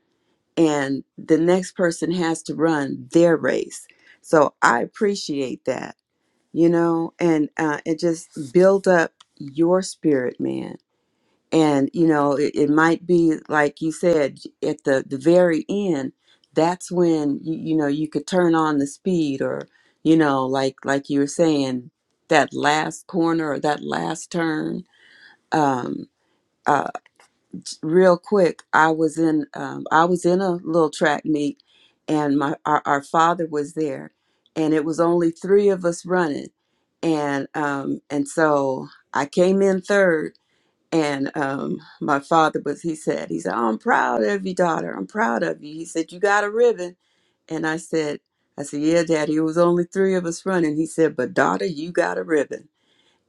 and the next person has to run their race. So I appreciate that you know, and uh, it just build up your spirit, man. And you know, it, it might be like you said at the the very end. That's when you you know you could turn on the speed, or you know, like like you were saying, that last corner or that last turn. Um, uh, real quick i was in um, i was in a little track meet and my our, our father was there and it was only three of us running and um and so i came in third and um my father was he said he said "Oh, i'm proud of you daughter i'm proud of you he said you got a ribbon and i said i said yeah daddy it was only three of us running he said but daughter you got a ribbon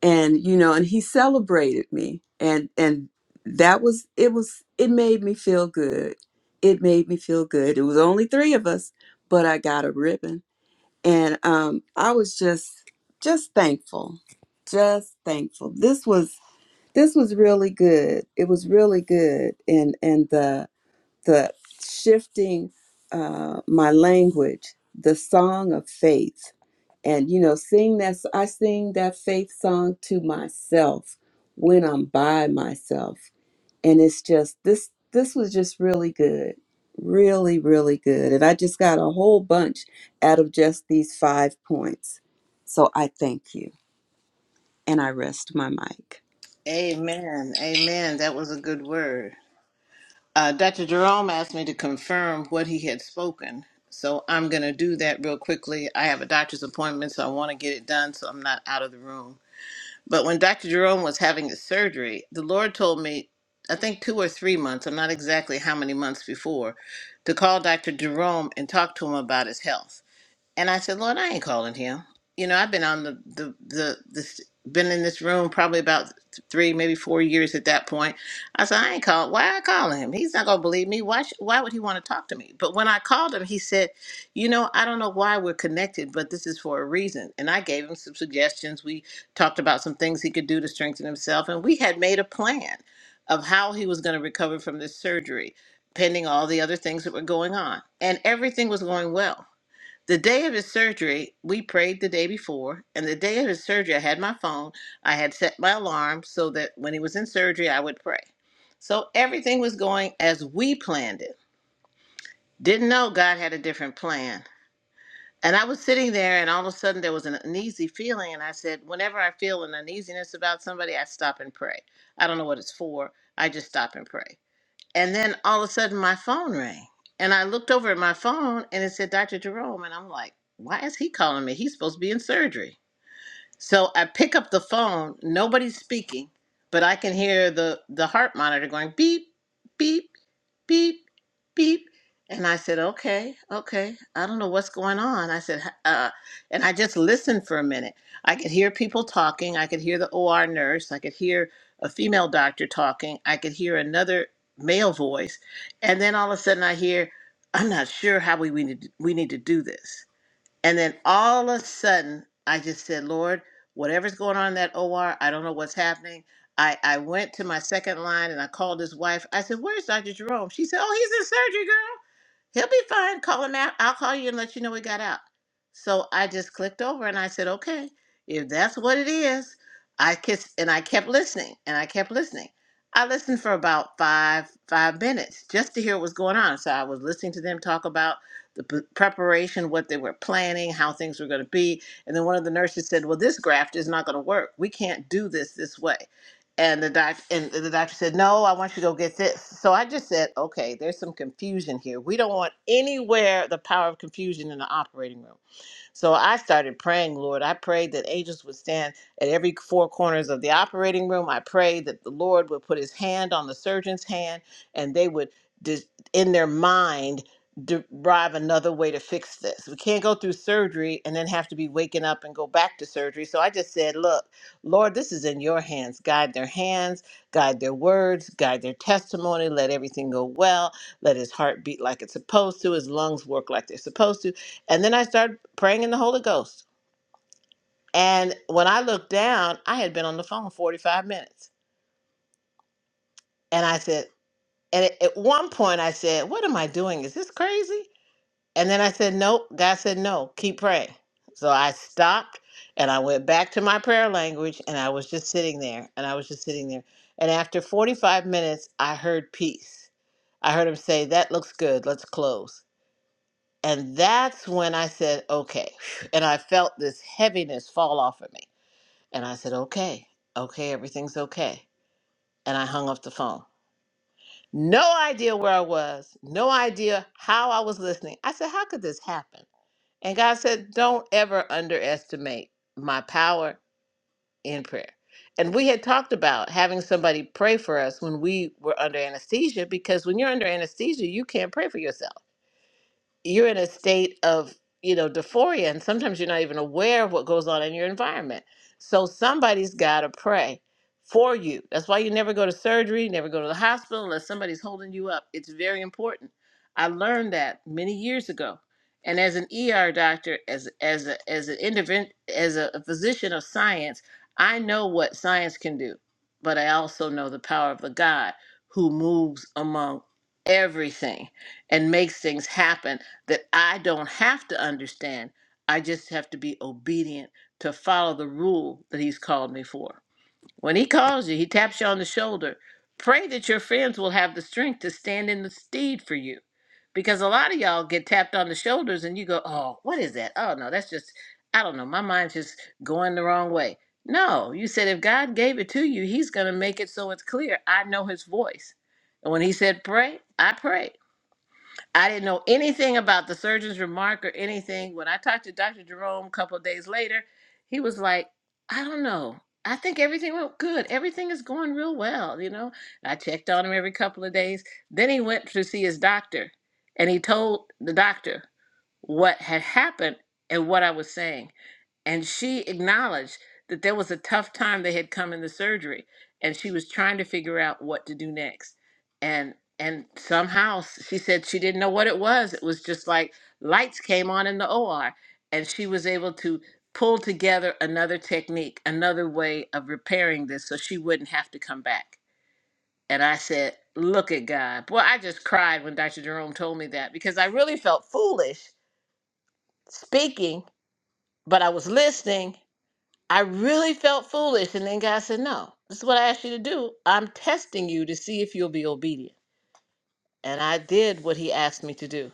and you know and he celebrated me and and that was it was it made me feel good it made me feel good it was only three of us but i got a ribbon and um i was just just thankful just thankful this was this was really good it was really good and and the the shifting uh, my language, the song of faith, and you know, sing that. I sing that faith song to myself when I'm by myself, and it's just this. This was just really good, really, really good, and I just got a whole bunch out of just these five points. So I thank you, and I rest my mic. Amen. Amen. That was a good word. Uh, Dr. Jerome asked me to confirm what he had spoken. So I'm going to do that real quickly. I have a doctor's appointment, so I want to get it done so I'm not out of the room. But when Dr. Jerome was having his surgery, the Lord told me, I think two or three months, I'm not exactly how many months before, to call Dr. Jerome and talk to him about his health. And I said, Lord, I ain't calling him. You know, I've been on the the the this been in this room probably about th- three, maybe four years at that point. I said, I ain't call. Why I call him? He's not gonna believe me. Why? Sh- why would he want to talk to me? But when I called him, he said, you know, I don't know why we're connected, but this is for a reason. And I gave him some suggestions. We talked about some things he could do to strengthen himself, and we had made a plan of how he was going to recover from this surgery, pending all the other things that were going on, and everything was going well the day of his surgery, we prayed the day before, and the day of his surgery, I had my phone. I had set my alarm so that when he was in surgery, I would pray. So everything was going as we planned it. Didn't know God had a different plan. And I was sitting there, and all of a sudden there was an uneasy feeling. And I said, Whenever I feel an uneasiness about somebody, I stop and pray. I don't know what it's for. I just stop and pray. And then all of a sudden my phone rang. And I looked over at my phone and it said Dr. Jerome. And I'm like, why is he calling me? He's supposed to be in surgery. So I pick up the phone, nobody's speaking, but I can hear the, the heart monitor going beep, beep, beep, beep. And I said, okay, okay. I don't know what's going on. I said, "H- uh, and I just listened for a minute. I could hear people talking. I could hear the OR nurse. I could hear a female doctor talking. I could hear another male voice. And then all of a sudden I hear, I'm not sure how we, we, need, we need to do this. And then all of a sudden, I just said, Lord, whatever's going on in that OR, I don't know what's happening. I, I went to my second line and I called his wife. I said, Where's Dr. Jerome? She said, Oh, he's in surgery, girl. He'll be fine. Call him out. I'll call you and let you know he got out. So I just clicked over and I said, okay, if that's what it is, I kissed and I kept listening and I kept listening. I listened for about five five minutes just to hear what was going on. So I was listening to them talk about the p- preparation, what they were planning, how things were going to be, and then one of the nurses said, "Well, this graft is not going to work. We can't do this this way." and the doc and the doctor said no i want you to go get this so i just said okay there's some confusion here we don't want anywhere the power of confusion in the operating room so I started praying, Lord. I prayed that angels would stand at every four corners of the operating room. I prayed that the Lord would put his hand on the surgeon's hand and they would, dis- in their mind, derive another way to fix this. We can't go through surgery and then have to be waking up and go back to surgery. So I just said, Look, Lord, this is in your hands. Guide their hands, guide their words, guide their testimony. Let everything go well. Let his heart beat like it's supposed to, his lungs work like they're supposed to and then I started praying in the Holy Ghost. And when I looked down, I had been on the phone 45 minutes. And I said, and at at one point I said, What am I doing? Is this crazy? And then I said, Nope. God said, No, keep praying. So I stopped and I went back to my prayer language and I was just sitting there and I was just sitting there. And after 45 minutes, I heard peace. I heard him say, That looks good. Let's close. And that's when I said, Okay. And I felt this heaviness fall off of me And I said, okay, okay, everything's okay. And I hung up the phone. No idea where I was, no idea how I was listening. I said, how could this happen? And God said, don't ever underestimate my power in prayer. And we had talked about having somebody pray for us when we were under anesthesia because when you're under anesthesia, you can't pray for yourself. you're in a state of you know dysphoria and sometimes you're not even aware of what goes on in your environment so somebody's got to pray for you that's why you never go to surgery never go to the hospital unless somebody's holding you up it's very important i learned that many years ago and as an er doctor as as a, as an intervent as a physician of science i know what science can do but i also know the power of the god who moves among everything and makes things happen that I don't have to understand. I just have to be obedient to follow the rule that he's called me for. When he calls you, he taps you on the shoulder. Pray that your friends will have the strength to stand in the steed for you. Because a lot of y'all get tapped on the shoulders and you go, oh, what is that? Oh, no, that's just, I don't know. My mind's just going the wrong way. No, you said if God gave it to you, he's going to make it so it's clear. I know his voice. And when he said pray, I prayed. I didn't know anything about the surgeon's remark or anything. When I talked to Dr. Jerome a couple of days later, he was like, I don't know. I think everything went good. Everything is going real well, you know. I checked on him every couple of days. Then he went to see his doctor and he told the doctor what had happened and what I was saying and she acknowledged that there was a tough time they had come in the surgery and she was trying to figure out what to do next and and somehow s- she said she didn't know what it was it was just like lights came on in the OR and she was able to pull together another technique another way of repairing this so she wouldn't have to come back and I said look at God boy I just cried when Dr. Jerome told me that because I really felt foolish speaking but I was listening I really felt foolish. And then God said, No, this is what I asked you to do. I'm testing you to see if you'll be obedient. And I did what he asked me to do.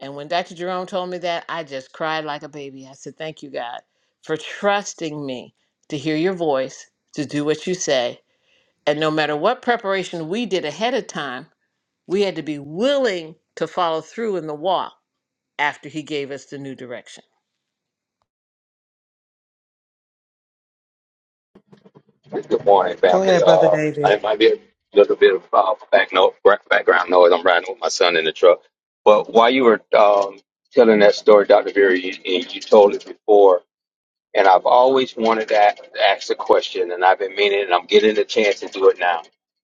And when Dr. Jerome told me that, I just cried like a baby. I said, Thank you, God, for trusting me to hear your voice, to do what you say. And no matter what preparation we did ahead of time, we had to be willing to follow through in the walk after he gave us the new direction. Good morning, Go family. ahead, Brother Uh, David. I might be a little bit of uh, back no, background noise. I'm riding with my son in the truck. But while you were um, telling that story, Dr. Vera, you, and you told it before, and I've always wanted to ask, ask the question, and I've been meaning, it, and I'm getting the chance to do it now.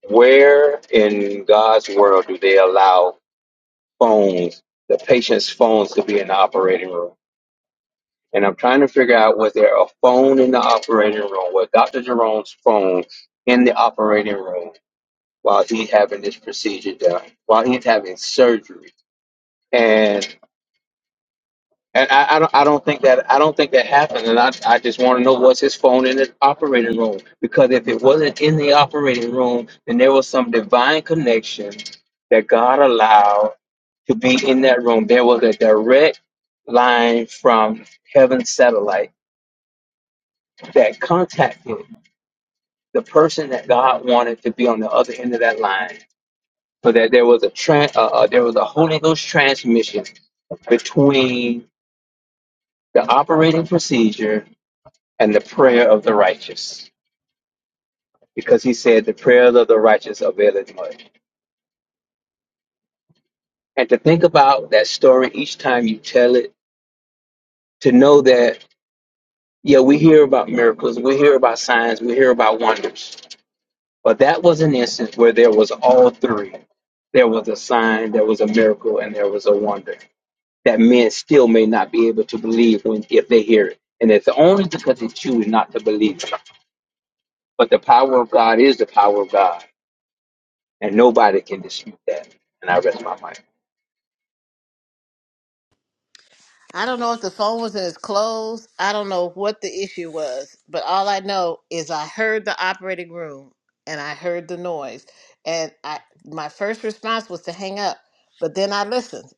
Where in God's world do they allow phones, the patient's phones, to be in the operating room? and I'm trying to figure out was there a phone in the operating room? Was Dr. Jerome's phone in the operating room while he's having this procedure done, while he's having surgery? And and I, I don't I don't think that I don't think that happened. And I, I just want to know was his phone in the operating room? Because if it wasn't in the operating room, then there was some divine connection that God allowed to be in that room. There was a direct line from heaven's satellite that contacted the person that God wanted to be on the other end of that line, so that there was a tran uh, uh, there was a Holy Ghost transmission between the operating procedure and the prayer of the righteous, because He said the prayers of the righteous availeth much. And to think about that story each time you tell it, to know that yeah, we hear about miracles, we hear about signs, we hear about wonders, But that was an instance where there was all three. There was a sign, there was a miracle, and there was a wonder that men still may not be able to believe when if they hear it. And it's only because they choose not to believe it. But the power of God is the power of God, and nobody can dispute that. And I rest my mind. I don't know if the phone was in his clothes. I don't know what the issue was, but all I know is I heard the operating room and I heard the noise. And I my first response was to hang up, but then I listened.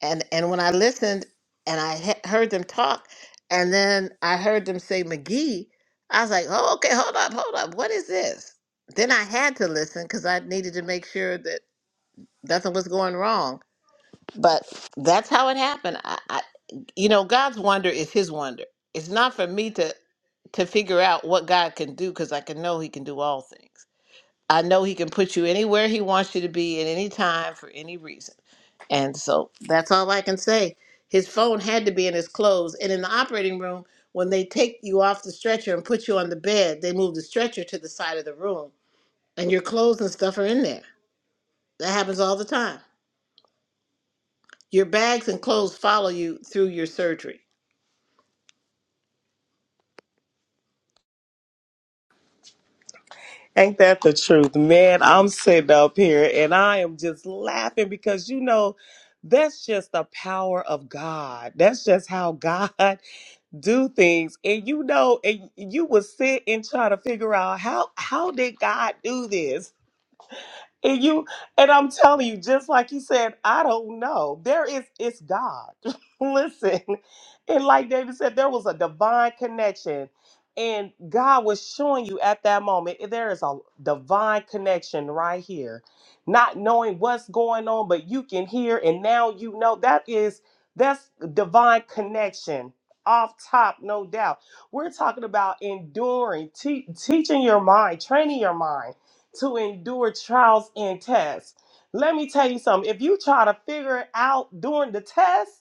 And and when I listened and I he- heard them talk and then I heard them say McGee, I was like, "Oh, okay, hold up, hold up. What is this?" Then I had to listen cuz I needed to make sure that nothing was going wrong. But that's how it happened. I you know god's wonder is his wonder it's not for me to to figure out what god can do because i can know he can do all things i know he can put you anywhere he wants you to be at any time for any reason and so that's all i can say his phone had to be in his clothes and in the operating room when they take you off the stretcher and put you on the bed they move the stretcher to the side of the room and your clothes and stuff are in there that happens all the time your bags and clothes follow you through your surgery Ain't that the truth, man? I'm sitting up here and I am just laughing because you know that's just the power of God. That's just how God do things. And you know, and you would sit and try to figure out how how did God do this? And you and I'm telling you, just like you said, I don't know. There is it's God. Listen. And like David said, there was a divine connection. And God was showing you at that moment, eh, there is a divine connection right here. Not knowing what's going on, but you can hear and now you know that is that's divine connection. Off top, no doubt. We're talking about enduring, te- teaching your mind, training your mind to endure trials and tests. Let me tell you something. If you try to figure it out during the test,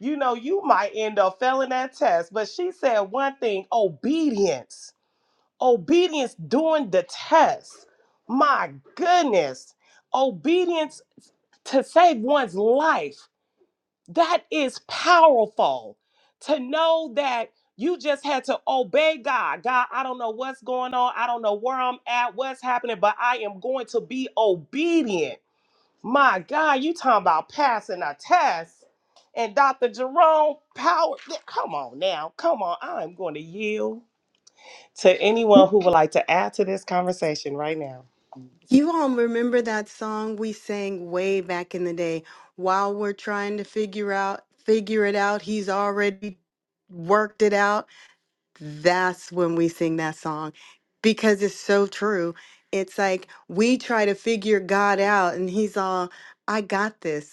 you know you might end up failing that test. But she said one thing, obedience. Obedience during the test. My goodness. Obedience to save one's life. That is powerful to know that you just had to obey God. God, I don't know what's going on. I don't know where I'm at, what's happening, but I am going to be obedient. My God, you talking about passing a test. And Dr. Jerome Power, yeah, come on now, come on. I'm going to yield to anyone who would like to add to this conversation right now. You all remember that song we sang way back in the day? While we're trying to figure out, figure it out, he's already worked it out. That's when we sing that song because it's so true. It's like we try to figure God out and he's all, I got this.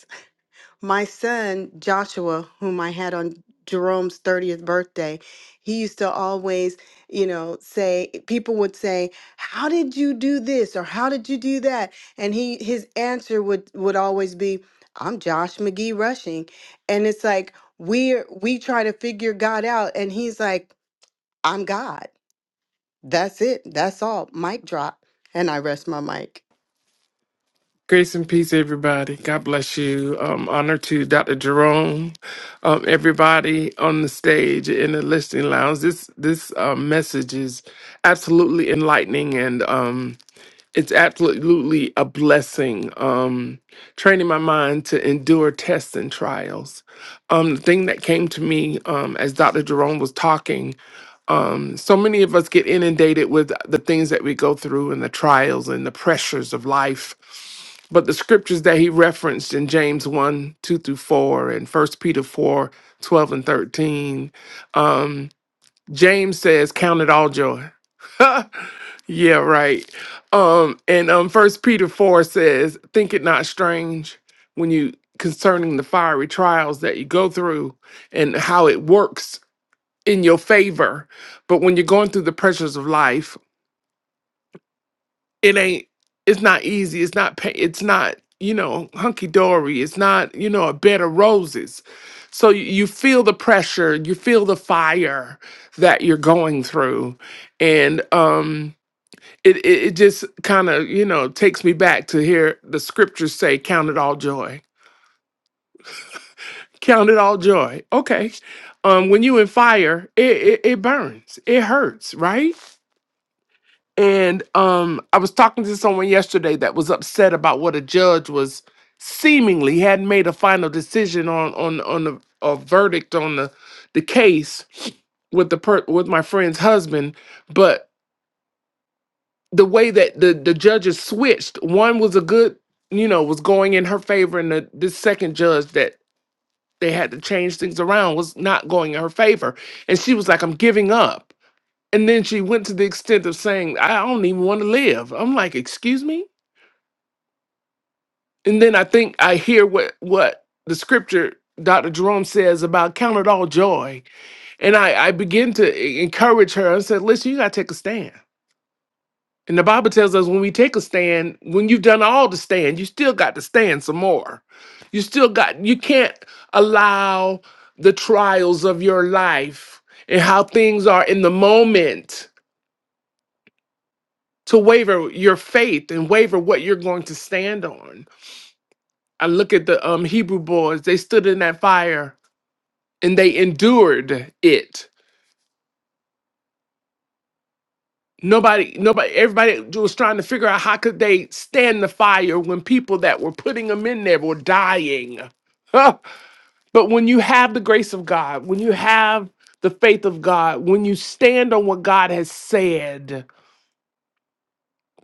My son Joshua, whom I had on Jerome's 30th birthday, he used to always, you know, say people would say, "How did you do this?" or "How did you do that?" And he his answer would would always be, "I'm Josh McGee rushing." And it's like we're we try to figure God out and he's like, "I'm God. That's it. That's all. Mic drop." And I rest my mic. Grace and peace, everybody. God bless you. Um, honor to Dr. Jerome, um, everybody on the stage in the listening lounge. This this um message is absolutely enlightening and um, it's absolutely a blessing um training my mind to endure tests and trials um the thing that came to me um as dr jerome was talking um so many of us get inundated with the things that we go through and the trials and the pressures of life but the scriptures that he referenced in James 1 2 through 4 and First Peter 4 12 and 13, um, James says, Count it all joy. Yeah, right. Um, and um, First Peter four says, "Think it not strange when you concerning the fiery trials that you go through, and how it works in your favor. But when you're going through the pressures of life, it ain't. It's not easy. It's not. pa- It's not. You know, hunky dory. It's not. You know, a bed of roses. So you you feel the pressure. You feel the fire that you're going through, and um." it it, it just kind of you know takes me back to hear the scriptures say count it all joy count it all joy okay um when you in fire it it, it burns it hurts right and um i was talking to someone yesterday that was upset about what a judge was seemingly hadn't made a final decision on on on the a verdict on the the case with the per- with my friend's husband, but the way that the the judges switched one was a good you know was going in her favor and the this second judge that they had to change things around was not going in her favor and she was like i'm giving up and then she went to the extent of saying i don't even want to live i'm like excuse me and then i think i hear what what the scripture dr jerome says about count it all joy and i i begin to e- encourage her i said listen you got to take a stand And the Bible tells us when we take a stand, when you've done all the stand, you still got to stand some more. You still got, you can't allow the trials of your life and how things are in the moment to waver your faith and waver what you're going to stand on. I look at the um, Hebrew boys, they stood in that fire and they endured it Nobody, nobody, everybody was trying to figure out how could they stand the fire when people that were putting them in there were dying. Huh. But when you have the grace of God, when you have the faith of God, when you stand on what God has said,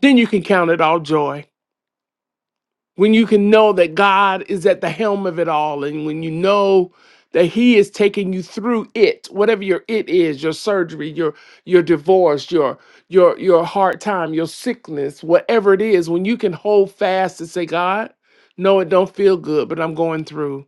then you can count it all joy. when you can know that God is at the helm of it all, and when you know that He is taking you through it, whatever your it is, your surgery, your your divorce, your your your hard time, your sickness, whatever it is, when you can hold fast and say, God, no, it don't feel good, but I'm going through.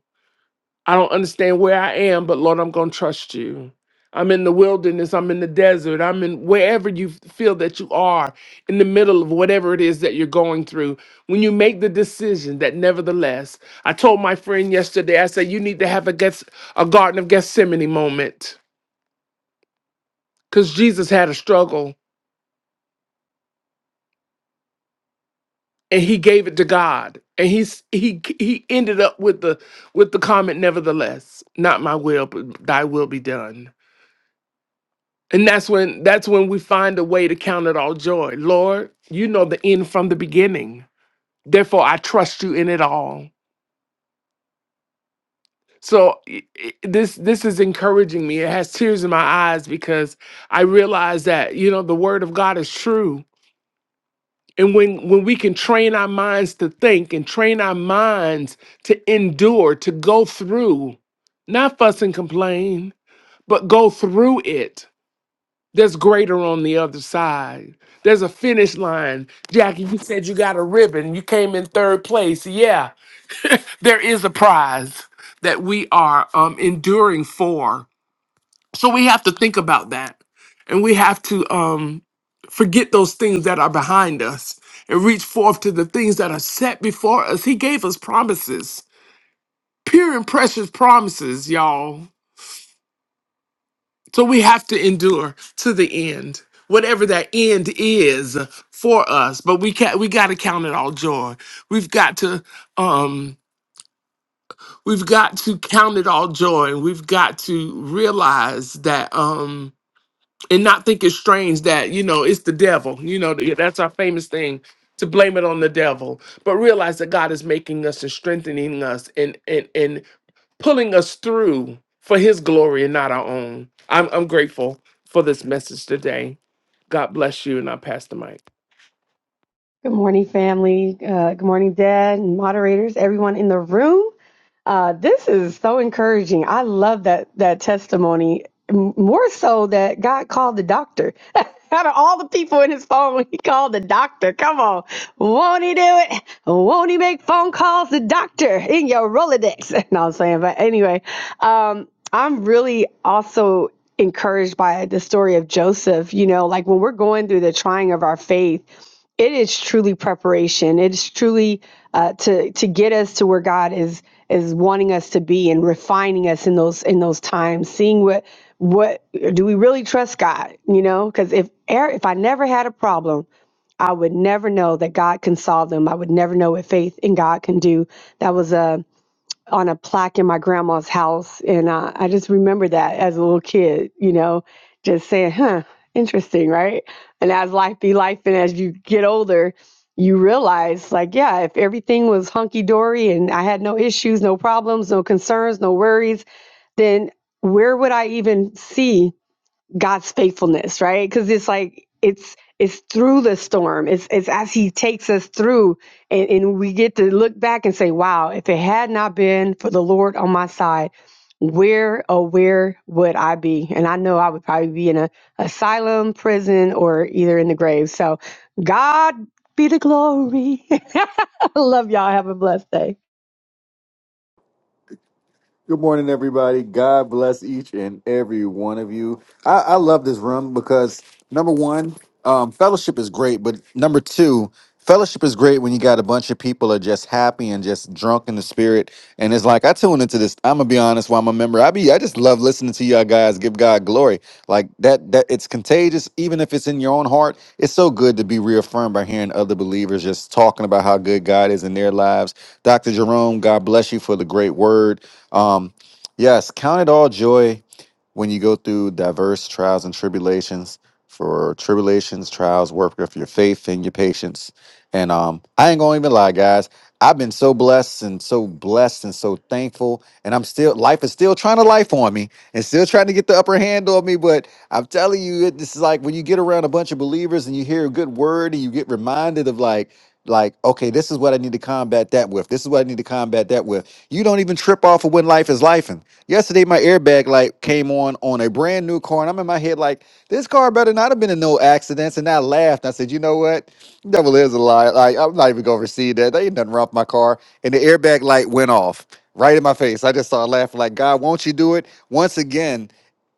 I don't understand where I am, but Lord, I'm going to trust you. I'm in the wilderness, I'm in the desert, I'm in wherever you feel that you are, in the middle of whatever it is that you're going through. When you make the decision that nevertheless, I told my friend yesterday, I said, you need to have a, Gets- a Garden of Gethsemane moment because Jesus had a struggle and he gave it to God. And he's, he he ended up with the with the comment, nevertheless, not my will, but thy will be done. And that's when that's when we find a way to count it all joy. Lord, you know the end from the beginning. Therefore, I trust you in it all. So i- i- this this is encouraging me. It has tears in my eyes because I realize that you know the word of God is true. And when when we can train our minds to think and train our minds to endure, to go through, not fuss and complain, but go through it There's greater on the other side. There's a finish line. Jackie, you said you got a ribbon. You came in third place. Yeah, there is a prize that we are um, enduring for. So we have to think about that. And we have to um, forget those things that are behind us and reach forth to the things that are set before us. He gave us promises, pure and precious promises, y'all. So we have to endure to the end, whatever that end is for us. But we can not we got to count it all joy. We've got to um we've got to count it all joy, and we've got to realize that um and not think it's strange that you know it's the devil. You know th- that's our famous thing to blame it on the devil, but realize that God is making us and strengthening us, and and and pulling us through for his glory and not our own. I'm, I'm grateful for this message today. God bless you, and I pass the mic. Good morning, family. Uh, good morning, Dad and moderators, everyone in the room. Uh, this is so encouraging. I love that that testimony. M- More so that God called the doctor. Out of all the people in his phone, he called the doctor. Come on. Won't he do it? Won't he make phone calls to doctor in your Rolodex? No, I'm saying, but anyway, um, I'm really also encouraged by the story of Joseph. You know, like when we're going through the trying of our faith, it is truly preparation. It is truly uh, to to get us to where God is is wanting us to be and refining us in those in those times. Seeing what what do we really trust God? You know, because if er- if I never had a problem, I would never know that God can solve them. I would never know what faith in God can do. That was a on a plaque in my grandma's house. And uh, I just remember that as a little kid, you know, just saying, huh, interesting, right? And as life be life, and as you get older, you realize, like, yeah, if everything was hunky dory and I had no issues, no problems, no concerns, no worries, then where would I even see God's faithfulness, right? Because it's like it's it's through the storm. It's it's as He takes us through, and, and we get to look back and say, "Wow, if it had not been for the Lord on my side, where oh where would I be?" And I know I would probably be in a asylum, prison, or either in the grave. So, God be the glory. I love y'all. Have a blessed day. Good morning, everybody. God bless each and every one of you. I, I love this room because number one, um, fellowship is great, but number two, fellowship is great when you got a bunch of people are just happy and just drunk in the spirit. And it's like I tune into this. I'm gonna be honest, while I'm a member, I be I just love listening to y'all guys give God glory like that. That it's contagious, even if it's in your own heart. It's so good to be reaffirmed by hearing other believers just talking about how good God is in their lives. Dr. Jerome, God bless you for the great word. Um, yes, count it all joy when you go through diverse trials and tribulations. For tribulations, trials, work of your faith and your patience. And um, I ain't gonna even lie, guys. I've been so blessed and so blessed and so thankful. And I'm still life is still trying to life on me and still trying to get the upper hand on me. But I'm telling you, it, this is like when you get around a bunch of believers and you hear a good word and you get reminded of like, like, okay, this is what I need to combat that with. This is what I need to combat that with you don't even trip off of when life is life. And yesterday, my airbag light came on on a brand new car, and I'm in my head like, this car better not have been in no accidents. And I laughed. I said, you know what? Devil is a lie. Like I'm not even gonna receive that. They ain't nothing wrong with my car. And the airbag light went off right in my face. I just started laughing like, God, won't you do it once again?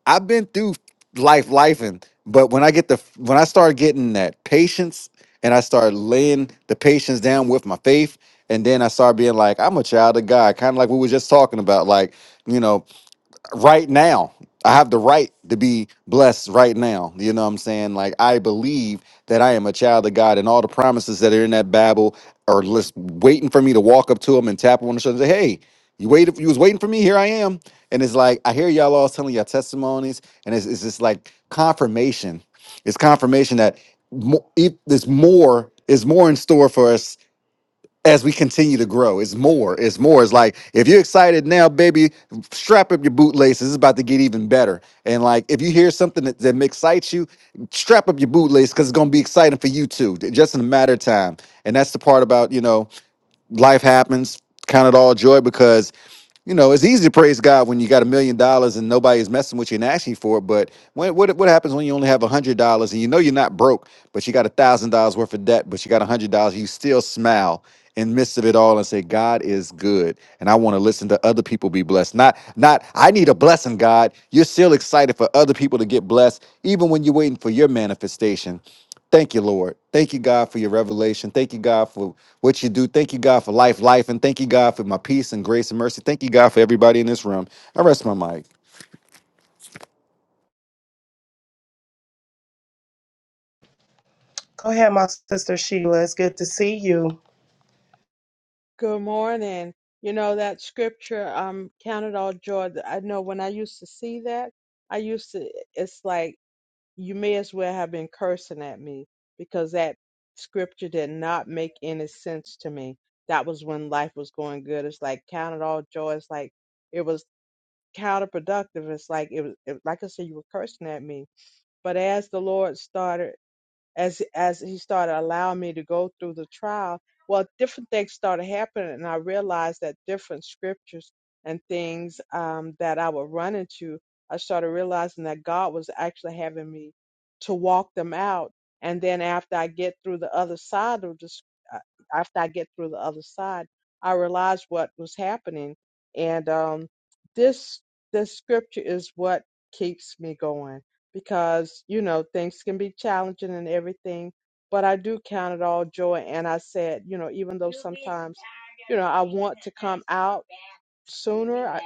I've been through life life and but when i get the when i start getting that patience and i start laying the patience down with my faith and then i start being like i'm a child of god kind of like we were just talking about like you know right now. I have the right to be blessed right now. You know what I'm saying? Like I believe that I am a child of God and all the promises that are in that Bible are just waiting for me to walk up to them and tap him on the shoulder and say, Hey, you waited you was waiting for me, here I am. And it's like I hear y'all all telling your testimonies, and it's, it's just like confirmation. It's confirmation that mo- if there's more is more in store for us as we continue to grow. It's more. It's more. It's like if you're excited now, baby, strap up your bootlaces. It's about to get even better. And like if you hear something that, that excites you, strap up your bootlace because it's gonna be exciting for you too, just in a matter of time. And that's the part about you know life happens. Count it all joy because you know it's easy to praise God when you got a million dollars and nobody's messing with you and asking you for it. But when, what what happens when you only have a hundred dollars and you know you're not broke, but you got a thousand dollars worth of debt, but you got a hundred dollars, you still smile in midst of it all and say God is good, and I want to listen to other people be blessed. Not not I need a blessing, God. You're still excited for other people to get blessed, even when you're waiting for your manifestation. Thank you, Lord. Thank you, God, for your revelation. Thank you, God, for what you do. Thank you, God, for life, life, and thank you, God, for my peace and grace and mercy. Thank you, God, for everybody in this room. I rest my mic. Go ahead, my sister Sheila. It's good to see you. Good morning. You know that scripture, um, count it all joy. th- I know when I used to see that, I used to, it's like you may as well have been cursing at me because that scripture did not make any sense to me. That was when life was going good. It's like count it all joy. It's like it was counterproductive. It's like it was, it, like I said, you were cursing at me. But as the Lord started as as he started allowing me to go through the trial, well, different things started happening, and I realized that different scriptures and things um, that I would run into, I started realizing that God was actually having me to walk them out. And then after I get through the other side of this, uh, after I get through the other side, I realized what was happening, and um, this this scripture is what keeps me going because you know things can be challenging and everything but i do count it all joy and i said you know even though sometimes you know i want to come out sooner I,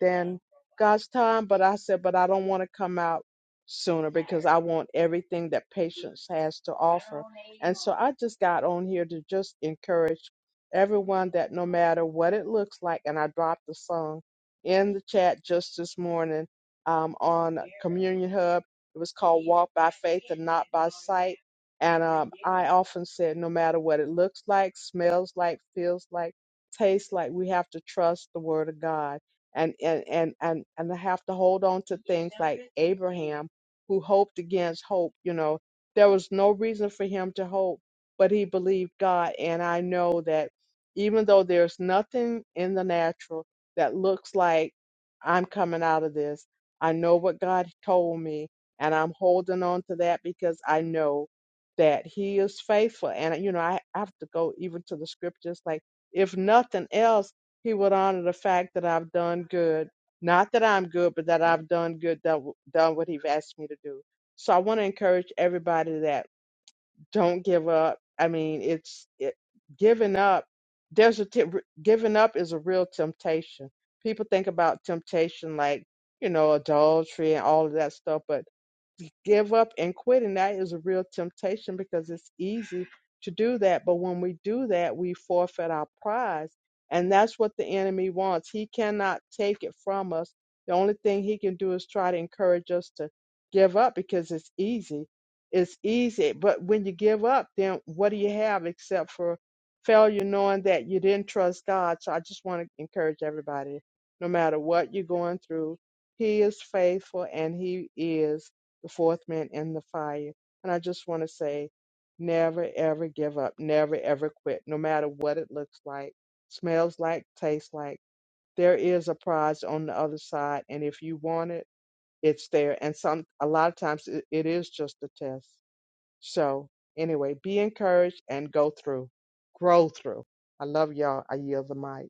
than God's time, but I said, but I don't want to come out sooner because I want everything that patience has to offer. And so I just got on here to just encourage everyone that no matter what it looks like, and I dropped the song in the chat just this morning um, on Communion Hub. It was called Walk by Faith and Not by Sight. And um, I often said, no matter what it looks like, smells like, feels like, tastes like, we have to trust the Word of God and and and and and I have to hold on to things like Abraham, who hoped against hope. You know, there was no reason for him to hope, but he believed God. And I know that even though there's nothing in the natural that looks like I'm coming out of this, I know what God told me, and I'm holding on to that because I know that He is faithful. And you know, I I have to go even to the scriptures like, if nothing else. He would honor the fact that I've done good. Not that I'm good, but that I've done good, done, done what He's asked me to do. So I want to encourage everybody that don't give up. I mean, it's it, giving up. There's a t- giving up is a real temptation. People think about temptation like you know adultery and all of that stuff, but give up and quit. And that is a real temptation because it's easy to do that. But when we do that, we forfeit our prize. And that's what the enemy wants. He cannot take it from us. The only thing he can do is try to encourage us to give up because it's easy. It's easy. But when you give up, then what do you have except for failure, knowing that you didn't trust God? So I just want to encourage everybody no matter what you're going through, he is faithful and he is the fourth man in the fire. And I just want to say, never ever give up, never ever quit, no matter what it looks like, smells like, tastes like. There is a prize on the other side, and if you want it, it's there. And some, a lot of times, it, it is just a test. So anyway, be encouraged and go through, grow through. I love y'all. I yield the mic.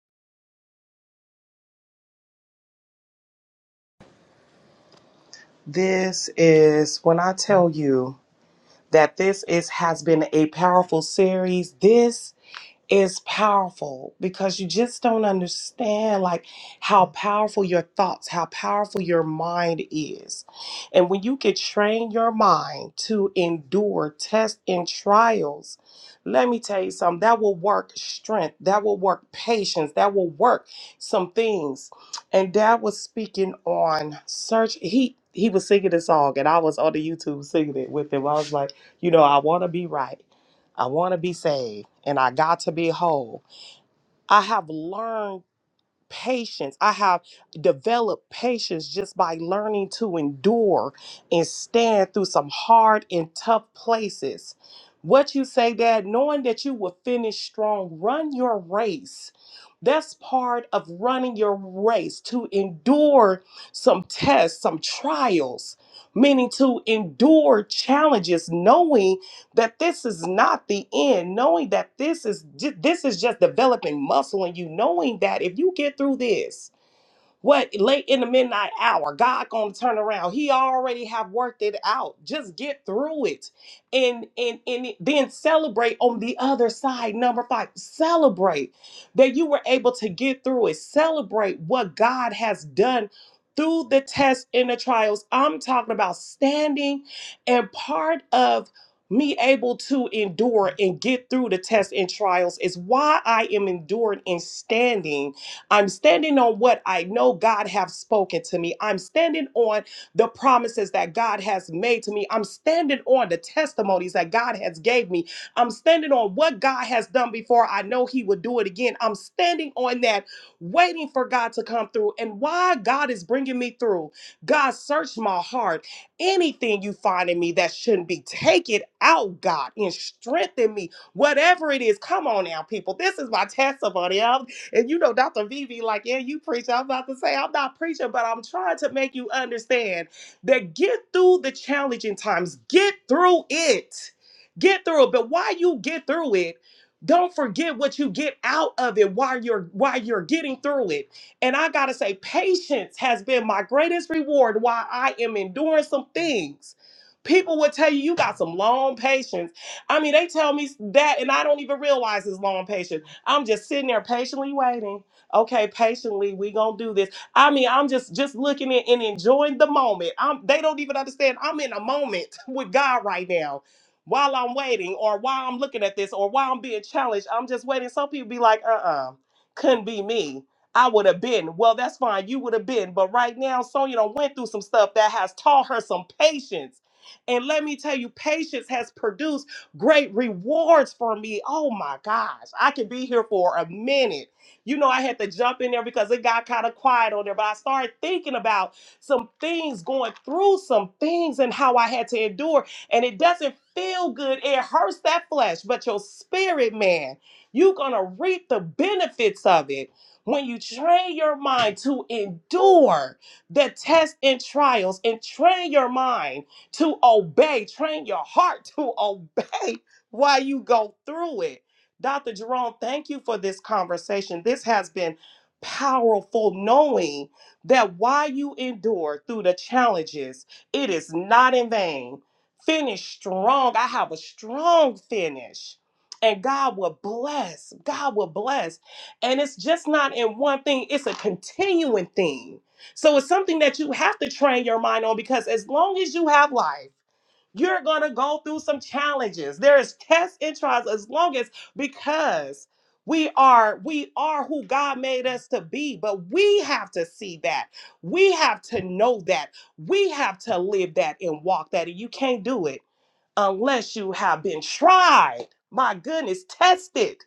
This is when I tell you. that this is has been a powerful series. This is powerful because you just don't understand like how powerful your thoughts, how powerful your mind is. And when you can train your mind to endure tests and trials, let me tell you something, that will work strength, that will work patience, that will work some things. And dad was speaking on search. He he was singing a song and I was on the YouTube singing it with him. I was like, you know, I wanna be right. I want to be saved and I got to be whole. I have learned patience. I have developed patience just by learning to endure and stand through some hard and tough places. What you say, Dad, knowing that you will finish strong, run your race. That's part of running your race to endure some tests, some trials, meaning to endure challenges, knowing that this is not the end knowing that this is ju- this is just developing muscle in you knowing that if you get through this what late in the midnight hour, God gonna turn around. He already have worked it out. Just get through it, and and and then celebrate on the other side. Number five, celebrate that you were able to get through it. Celebrate what God has done through the tests and the trials. I'm talking about standing and part of me able to endure and get through the tests and trials is why I am enduring and standing I'm standing on what I know God have spoken to me. I'm standing on the promises that God has made to me. I'm standing on the testimonies that God has gave me. I'm standing on what God has done before. I know he will do it again. I'm standing on that waiting for God to come through. And why God is bringing me through. God search my heart. Anything you find in me that shouldn't be, take it out, God, and strengthen me whatever it is. Come on now, people. This is my testimony. And you know, Dr. Vivi, like, yeah, you preach. I'm about to say, I'm not preaching, but I'm trying to make you understand that get through the challenging times, get through it, get through it. But while you get through it, don't forget what you get out of it while you're while you're getting through it. And I gotta say, patience has been my greatest reward while I am enduring some things. People would tell you you got some long patience. I mean, they tell me that, and I don't even realize it's long patience. I'm just sitting there patiently waiting. Okay, patiently, we gonna do this. I mean, I'm just just looking at and enjoying the moment. I'm they don't even understand. I'm in a moment with God right now. While I'm waiting, or while I'm looking at this, or while I'm being challenged, I'm just waiting. Some people be like, uh-uh, couldn't be me. I would have been. Well, that's fine. You would have been. But right now, Sonya done went through some stuff that has taught her some patience. And let me tell you, patience has produced great rewards for me. Oh my gosh, I could be here for a minute. You know, I had to jump in there because it got kind of quiet on there, but I started thinking about some things, going through some things, and how I had to endure. And it doesn't feel good, it hurts that flesh, but your spirit, man, you're gonna reap the benefits of it. When you train your mind to endure the tests and trials and train your mind to obey. Train your heart to obey while you go through it. Dr. Jerome, thank you for this conversation. This has been powerful knowing that while you endure through the challenges, it is not in vain. Finish strong. I have a strong finish. And God will bless. God will bless. And it's just not in one thing, it's a continuing thing so it's something that you have to train your mind on because as long as you have life, you're going to go through some challenges. There is tests and trials as long as because we are we are who God made us to be, but we have to see that. We have to know that. We have to live that and walk that and you can't do it unless you have been tried. My goodness, tested.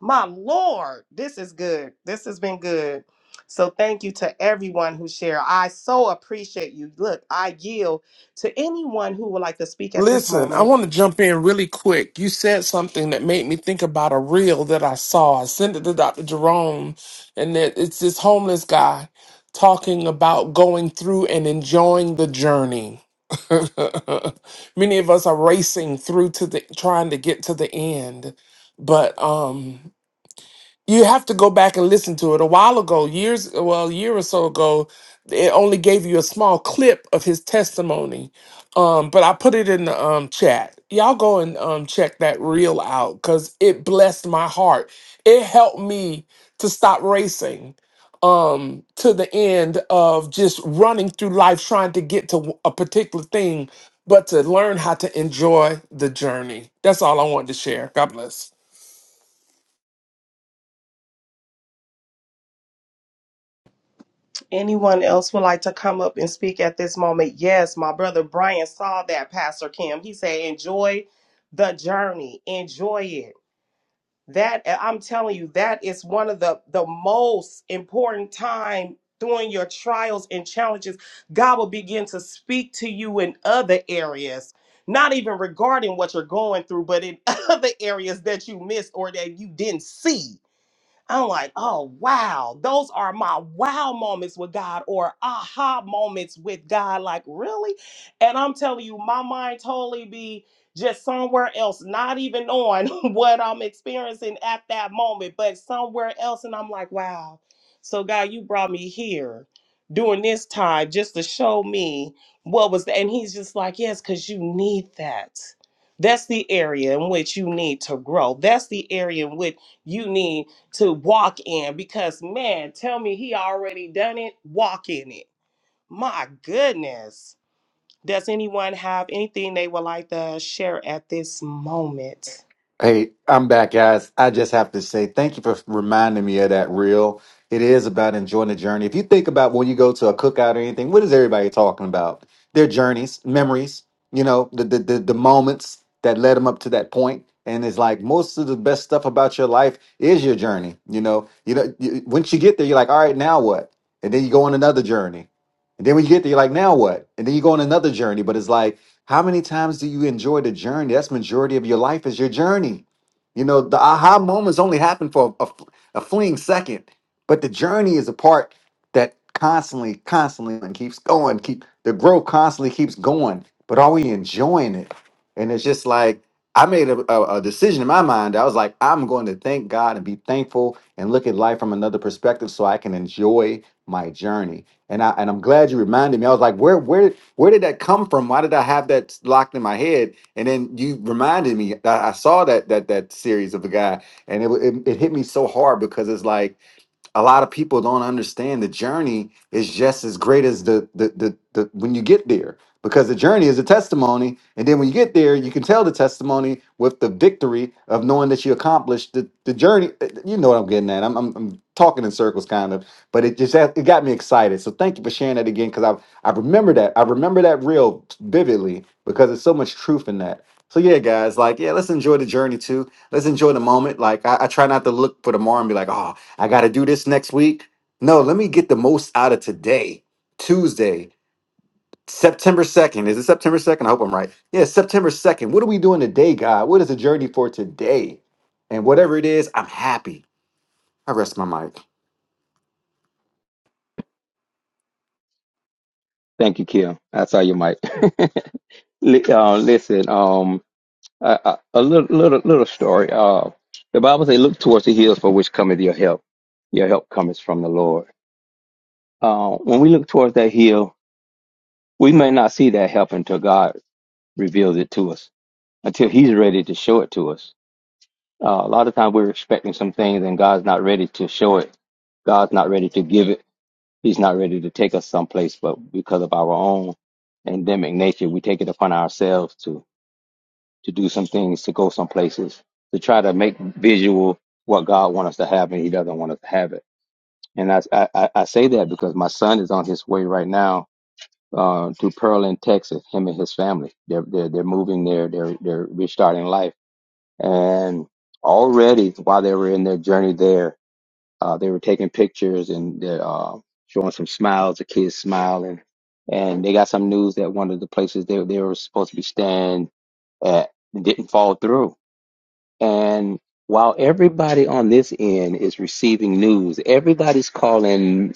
My Lord, this is good. This has been good. So thank you to everyone who shared. I so appreciate you. Look, I yield to anyone who would like to speak at this Listen, I moment. want to jump in really quick. You said something that made me think about a reel that I saw. I sent it to Dr. Jerome, and that it's this homeless guy talking about going through and enjoying the journey. Many of us are racing through to the trying to get to the end, but um you have to go back and listen to it. A while ago, years, well, a year or so ago, it only gave you a small clip of his testimony. Um, but I put it in the um, chat. Y'all go and um, check that reel out because it blessed my heart. It helped me to stop racing um, to the end of just running through life trying to get to a particular thing, but to learn how to enjoy the journey. That's all I wanted to share. God bless. Anyone else would like to come up and speak at this moment? Yes, my brother Brian saw that, Pastor Kim. He said, enjoy the journey, enjoy it. That eh, I'm telling you, that is one of the, the most important time during your trials and challenges. God will begin to speak to you in other areas, not even regarding what you're going through, but in other areas that you missed or that you didn't see I'm like, oh, wow. Those are my wow moments with God or aha moments with God. Like, really? And I'm telling you, my mind totally be just somewhere else, not even on what I'm experiencing at that moment, but somewhere else. And I'm like, wow. So, God, you brought me here during this time just to show me what was that. And he's just like, yes, because you need that. That's the area in which you need to grow. That's the area in which you need to walk in because man, tell me he already done it, walk in it. My goodness. Does anyone have anything they would like to share at this moment? Hey, I'm back, guys. I just have to say thank you for reminding me of that reel. It is about enjoying the journey. If you think about when you go to a cookout or anything, what is everybody talking about? Their journeys, memories, you know, the the the, the moments that led them up to that point. And it's like most of the best stuff about your life is your journey. You know, you know, you, once you get there, you're like, all right, now what? And then you go on another journey. And then when you get there, you're like, now what? And then you go on another journey. But it's like how many times do you enjoy the journey? That's majority of your life is your journey. You know, the aha moments only happen for a, a fleeting second, but the journey is a part that constantly, constantly and keeps going. Keep the growth constantly keeps going. But are we enjoying it? And it's just like I made a, a, a decision in my mind. I was like, I'm going to thank God and be thankful and look at life from another perspective, so I can enjoy my journey. And I and I'm glad you reminded me. I was like, where where where did that come from? Why did I have that locked in my head? And then you reminded me. I, I saw that that that series of a guy, and it, wa- it it hit me so hard because it's like a lot of people don't understand the journey is just as great as the the the, the when you get there because the journey is a testimony and then when you get there you can tell the testimony with the victory of knowing that you accomplished the, the journey Uh, uh, you know what i'm getting at I'm, I'm, I'm talking in circles kind of but it just it got me excited so thank you for sharing that again because i i remember that i remember that real vividly because there's so much truth in that so yeah guys like yeah let's enjoy the journey too let's enjoy the moment like i, I try not to look for tomorrow and be like oh I got to do this next week. No, let me get the most out of today, Tuesday, September 2nd. Is it September 2nd? I hope I'm right. Yeah, September 2nd. What are we doing today, God? What is the journey for today? And whatever it is, I'm happy. I rest my mic. Thank you, Kim. I saw your mic. Li- uh, listen, um, a, a a little, little, little story. Uh, the Bible says, "Look towards the hills, for which cometh your help. Your help cometh from the Lord." Uh, when we look towards that hill, we may not see that help until God reveals it to us, until He's ready to show it to us. Uh, a lot of times we're expecting some things and God's not ready to show it. God's not ready to give it. He's not ready to take us someplace, but because of our own endemic nature, we take it upon ourselves to to do some things, to go some places, to try to make visual what God wants us to have, and He doesn't want us to have it. And I I, I I say that because my son is on his way right now uh, to Pearland, Texas. Him and his family. They're they're, they're moving there. They're they're restarting life. And already while they were in their journey there, uh, they were taking pictures and they're uh, showing some smiles. The kids smiling. And they got some news that one of the places they they were supposed to be staying at didn't fall through and while everybody on this end is receiving news, everybody's calling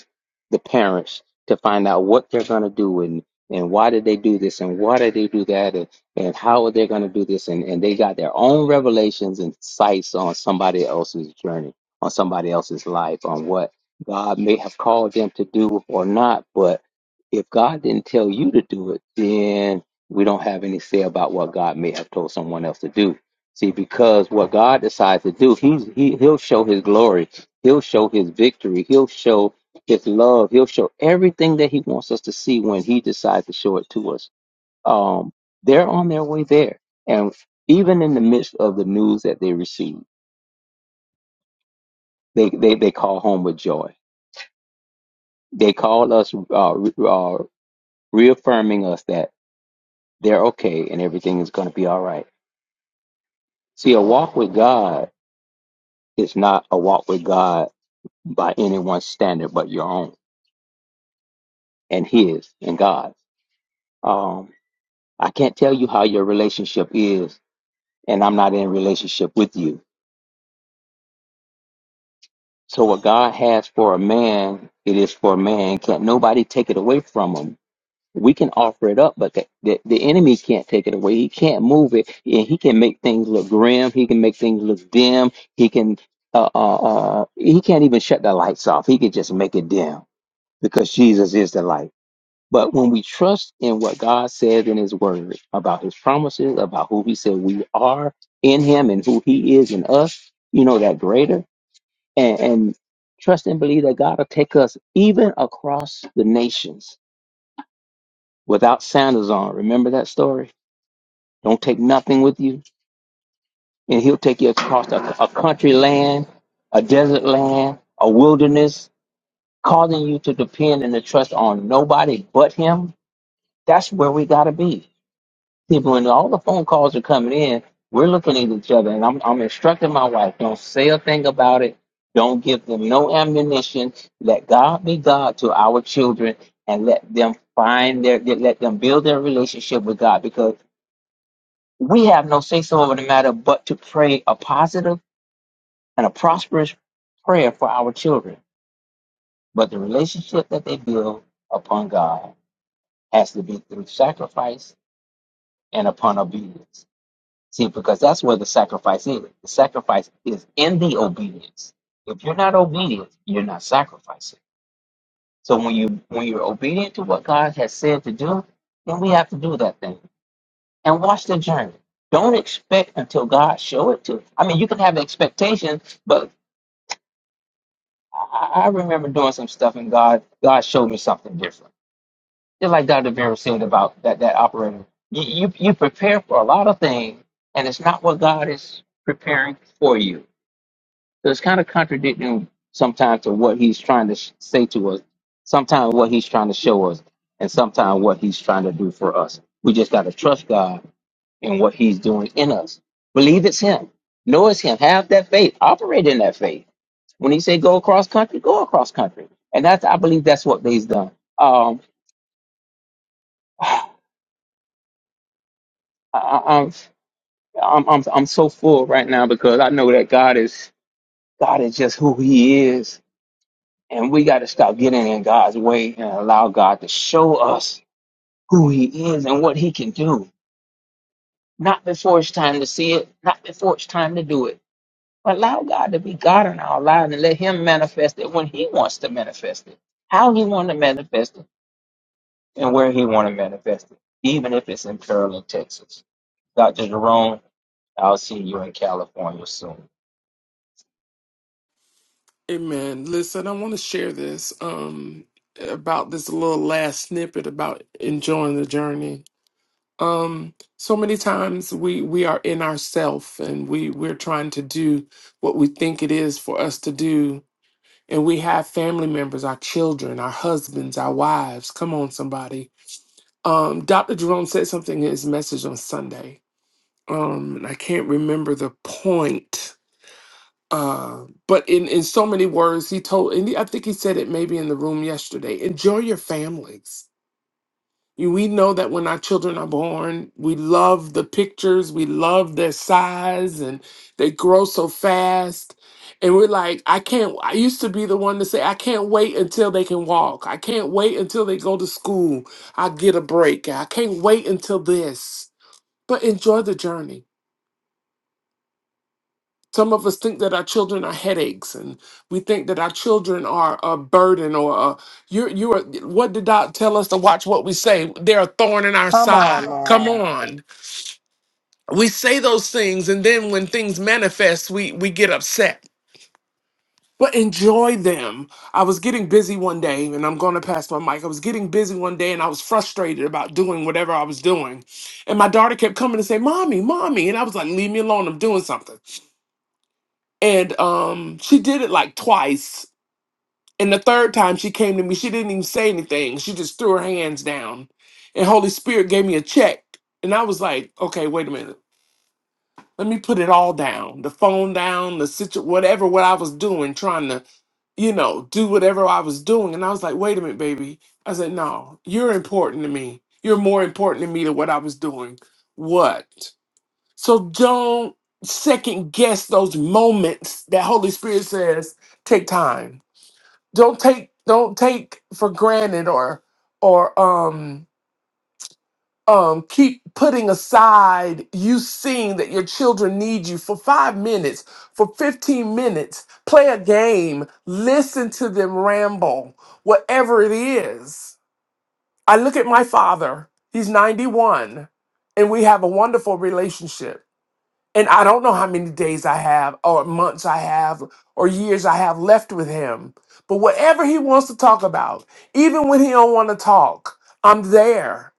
the parents to find out what they're going to do and, and why did they do this and why did they do that and, and how are they going to do this. And, and they got their own revelations and sights on somebody else's journey, on somebody else's life, on what God may have called them to do or not. But if God didn't tell you to do it, then we don't have any say about what God may have told someone else to do See, because what God decides to do, he's, he he'll show His glory, he'll show His victory, he'll show His love, he'll show everything that He wants us to see when He decides to show it to us. Um, they're on their way there, and even in the midst of the news that they receive, they they, they call home with joy. They call us, uh, re- uh, reaffirming us that they're okay and everything is going to be all right. See, a walk with God is not a walk with God by anyone's standard but your own and his and God's. Um, I can't tell you how your relationship is, and I'm not in relationship with you. So what God has for a man, it is for a man. Can't nobody take it away from him. We can offer it up, but the, the, the enemy can't take it away. He can't move it, and he can make things look grim. He can make things look dim. He can uh, uh, uh, he can't even shut the lights off. He can just make it dim because Jesus is the light. But when we trust in what God says in His Word about His promises, about who He said we are in Him and who He is in us, you know, that greater, and, and trust and believe that God will take us even across the nations without sandals on. Remember that story? Don't take nothing with you, and He'll take you across a, a country land, a desert land, a wilderness, causing you to depend and to trust on nobody but Him. That's where we got to be See, when all the phone calls are coming in, we're looking at each other, and I'm, I'm instructing my wife: don't say a thing about it. Don't give them no ammunition. Let God be God to our children, and let them find their, let them build their relationship with God, because we have no say so over the matter, but to pray a positive and a prosperous prayer for our children. But the relationship that they build upon God has to be through sacrifice and upon obedience. See, because that's where the sacrifice is. The sacrifice is in the obedience. If you're not obedient, you're not sacrificing. So when you when you're obedient to what God has said to do, then we have to do that thing and watch the journey. Don't expect until God show it to. I mean, you can have expectations, but I, I remember doing some stuff and God God showed me something different. Just like Dr. Vera said about that that operator, you, you you prepare for a lot of things, and it's not what God is preparing for you. So it's kind of contradicting sometimes to what he's trying to sh- say to us, sometimes what he's trying to show us, and sometimes what he's trying to do for us. We just got to trust God in what he's doing in us. Believe it's him. Know it's him. Have that faith. Operate in that faith. When he say go across country, go across country. And that's, I believe that's what they've done. Um, I, I- I'm, I'm, I'm, I'm so full right now because I know that God is, God is just who he is And we got to stop getting in God's way and allow God to show us who He is and what He can do. Not before it's time to see it, not before it's time to do it. But allow God to be God in our lives and let Him manifest it when He wants to manifest it, how He wants to manifest it, and where He wants to manifest it, even if it's in Pearland, Texas. Dr. Jerome, I'll see you in California soon. Amen. Listen, I want to share this um about this little last snippet about enjoying the journey. Um so many times we we are in ourself and we we're trying to do what we think it is for us to do and we have family members, our children, our husbands, our wives. Come on somebody. Um Dr. Jerome said something in his message on Sunday. Um and I can't remember the point uh, but in in so many words, he told, and I think he said it maybe in the room yesterday. Enjoy your families. You, we know that when our children are born, we love the pictures, we love their size, and they grow so fast. And we're like, I can't. I used to be the one to say, I can't wait until they can walk. I can't wait until they go to school. I get a break. I can't wait until this. But enjoy the journey Some of us think that our children are headaches, and we think that our children are a burden or a, you're you're. What did God tell us to watch? What we say? They're a thorn in our Come on side. Come now. on, we say those things, and then when things manifest, we we get upset. But enjoy them. I was getting busy one day, and I'm going to pass my mic. I was getting busy one day, and I was frustrated about doing whatever I was doing, and my daughter kept coming to say, "Mommy, mommy," and I was like, "Leave me alone. I'm doing something." and um she did it like twice and the third time she came to me she didn't even say anything she just threw her hands down and holy spirit gave me a check and i was like okay wait a minute let me put it all down the phone down the situ whatever what i was doing trying to you know do whatever i was doing and i was like wait a minute baby i said no you're important to me you're more important to me than what i was doing what so don't second guess those moments that Holy Spirit says take time. Don't take don't take for granted or or um um keep putting aside you seeing that your children need you for 5 minutes, for 15 minutes, play a game, listen to them ramble, whatever it is. I look at my father. He's 91 and we have a wonderful relationship and I don't know how many days I have, or months I have, or years I have left with him. But whatever he wants to talk about, even when he don't want to talk, I'm there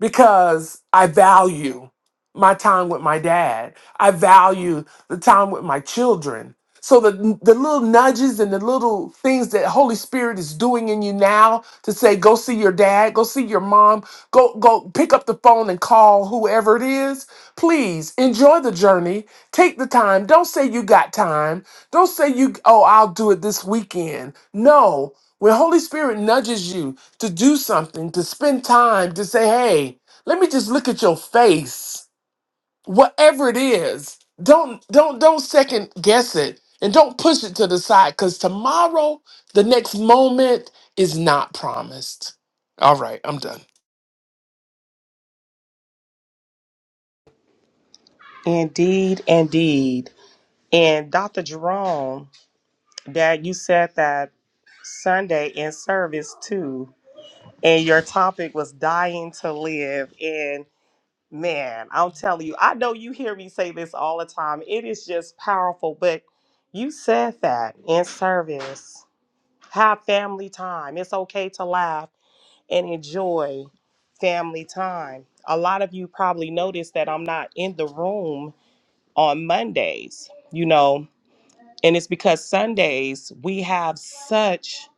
because I value my time with my dad. I value the time with my children. So the the little nudges and the little things that Holy Spirit is doing in you now to say go see your dad, go see your mom, go go pick up the phone and call whoever it is. Please enjoy the journey. Take the time. Don't say you got time. Don't say you oh I'll do it this weekend. No. When Holy Spirit nudges you to do something, to spend time, to say, "Hey, let me just look at your face." Whatever it is, don't don't don't second guess it and don't push it to the side cuz tomorrow, the next moment is not promised. All right, I'm done. Indeed, indeed. And Dr. Jerome, that you said that Sunday in service too, and your topic was dying to live. and. Man, I'm telling you, I know you hear me say this all the time. It is just powerful, but you said that in service. Have family time. It's okay to laugh and enjoy family time. A lot of you probably noticed that I'm not in the room on Mondays. You know, and it's because Sundays we have such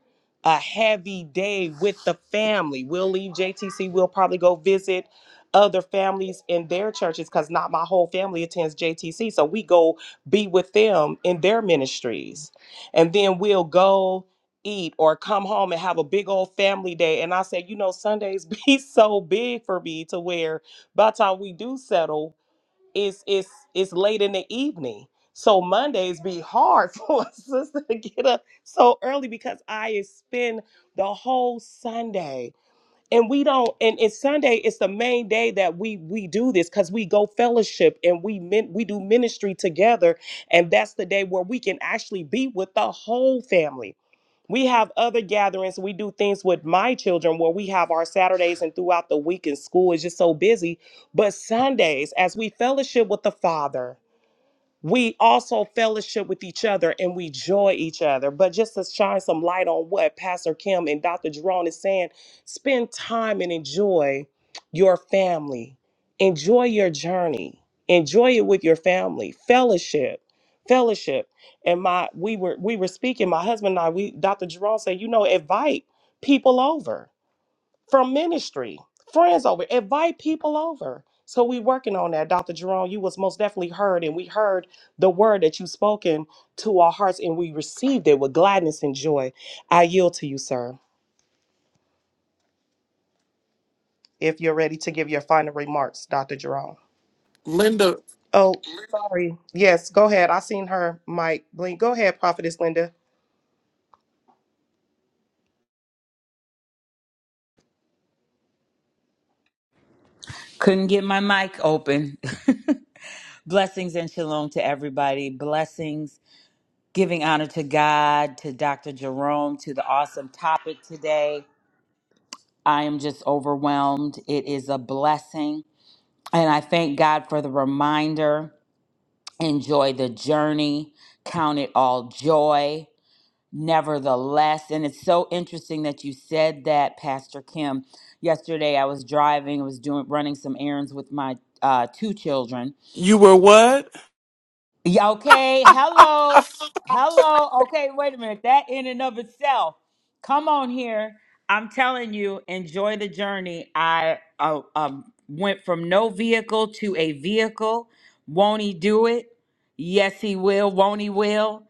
a heavy day with the family. We'll leave JTC, we'll probably go visit other families in their churches because not my whole family attends JTC. So we go be with them in their ministries. And then we'll go eat or come home and have a big old family day. And I said, you know, Sundays be so big for me to where by the time we do settle, it's it's it's late in the evening. So Mondays be hard for a sister to get up so early because I spend the whole Sunday and we don't and, it's sunday is the main day that we we do this because we go fellowship and we min, we do ministry together and that's the day where we can actually be with the whole family we have other gatherings we do things with my children where we have our saturdays and throughout the week and school is just so busy but sundays as we fellowship with the father we also fellowship with each other and we joy each other. But just to shine some light on what Pastor Kim and Dr. Jerome is saying, spend time and enjoy your family. Enjoy your journey. Enjoy it with your family. Fellowship. Fellowship. And my we were we were speaking, my husband and I, we Dr. Jerome said, you know, invite people over from ministry, friends over, invite people over. So we working on that, Dr. Jerome. You was most definitely heard, and we heard the word that you spoken to our hearts, and we received it with gladness and joy. I yield to you, sir, if you're ready to give your final remarks, Dr. Jerome. Linda, Oh, sorry. Yes, go ahead. I seen her mic blink. Go ahead, Prophetess Linda. Couldn't get my mic open. Blessings and shalom to everybody. Blessings, giving honor to God, to Dr. Jerome, to the awesome topic today. I am just overwhelmed. It is a blessing. And I thank God for the reminder. Enjoy the journey, count it all joy. Nevertheless, and it's so interesting that you said that, Pastor Kim. Yesterday, I was driving, I was doing running some errands with my uh, two children, you were what? Yeah, okay. Hello. Hello. Okay, wait a minute. That in and of itself. Come on here. I'm telling you, enjoy the journey. I uh, um, went from no vehicle to a vehicle. Won't he do it? Yes, he will. Won't he will?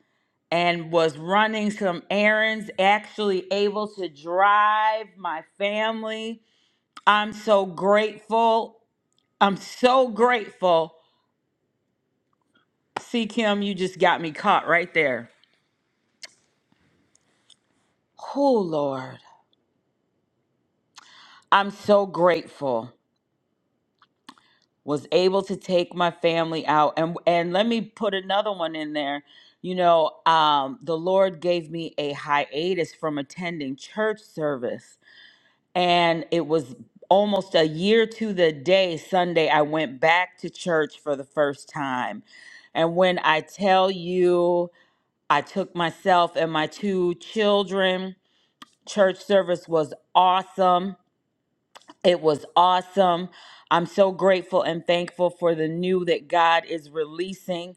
And was running some errands, actually able to drive my family. I'm so grateful. I'm so grateful. See, Kim, you just got me caught right there. Oh, Lord. I'm so grateful. Was able to take my family out. And and let me put another one in there. You know, um, the Lord gave me a hiatus from attending church service. And it was almost a year to the day Sunday I went back to church for the first time. And when I tell you I took myself and my two children, church service was awesome It was awesome. I'm so grateful and thankful for the new that God is releasing.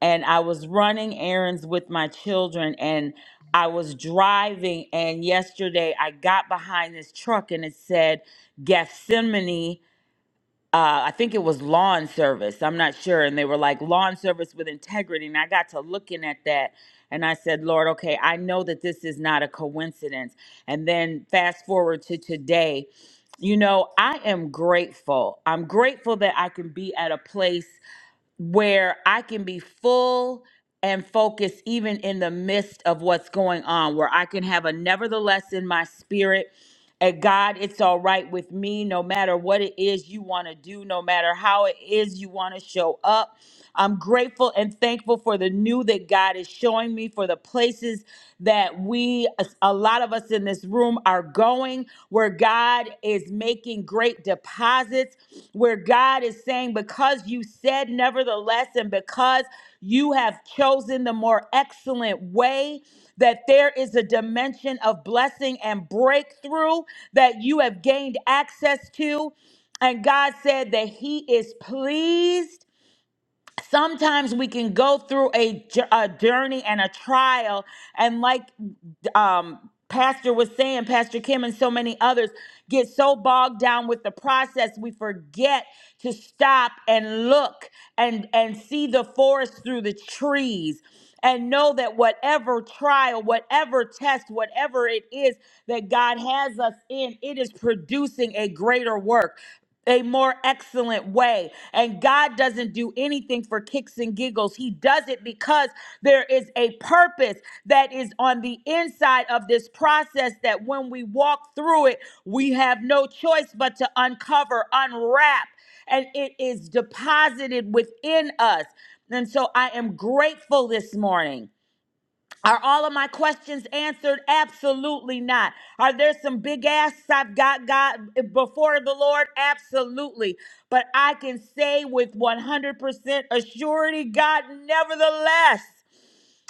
And I was running errands with my children and I was driving. And yesterday I got behind this truck and it said Gethsemane uh, I think it was lawn service. I'm not sure. And they were like, lawn service with integrity. And I got to looking at that and I said, Lord, okay, I know that this is not a coincidence. And then fast forward to today, you know, I am grateful. I'm grateful that I can be at a place where I can be full and focused even in the midst of what's going on, where I can have a nevertheless in my spirit. And God, it's all right with me, no matter what it is you want to do, no matter how it is you want to show up. I'm grateful and thankful for the new that God is showing me, for the places that we, a lot of us in this room, are going, where God is making great deposits deposits where God is saying, because you said nevertheless, and because you have chosen the more excellent way, that there is a dimension of blessing and breakthrough that you have gained access to. And God said that He is pleased sometimes we can go through a, j- a journey and a trial and like um pastor was saying pastor kim and so many others get so bogged down with the process we forget to stop and look and and see the forest through the trees and know that whatever trial whatever test whatever it is that god has us in it is producing a greater work a more excellent way. And God doesn't do anything for kicks and giggles. He does it because there is a purpose that is on the inside of this process that when we walk through it, we have no choice but to uncover, unwrap, and it is deposited within us. And so I am grateful this morning. Are all of my questions answered? Absolutely not. Are there some big asks I've got God before the Lord? Absolutely. But I can say with 100% assurity, God, nevertheless.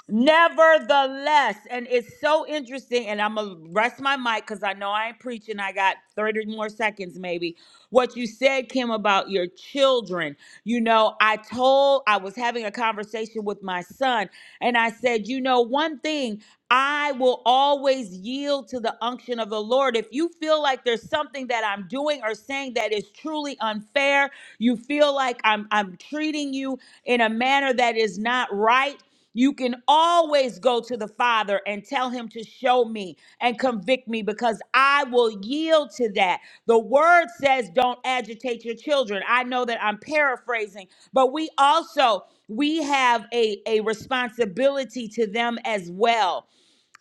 Nevertheless, and it's so interesting, and I'm gonna rest my mic because I know I ain't preaching. I got 30 more seconds, maybe. What you said, Kim, about your children. You know, I told, I was having a conversation with my son, and I said, you know, one thing, I will always yield to the unction of the Lord. If you feel like there's something that I'm doing or saying that is truly unfair, you feel like I'm I'm treating you in a manner that is not right, you can always go to the Father and tell him to show me and convict me because I will yield to that. The word says don't agitate your children. I know that I'm paraphrasing, but we also we have a a responsibility to them as well.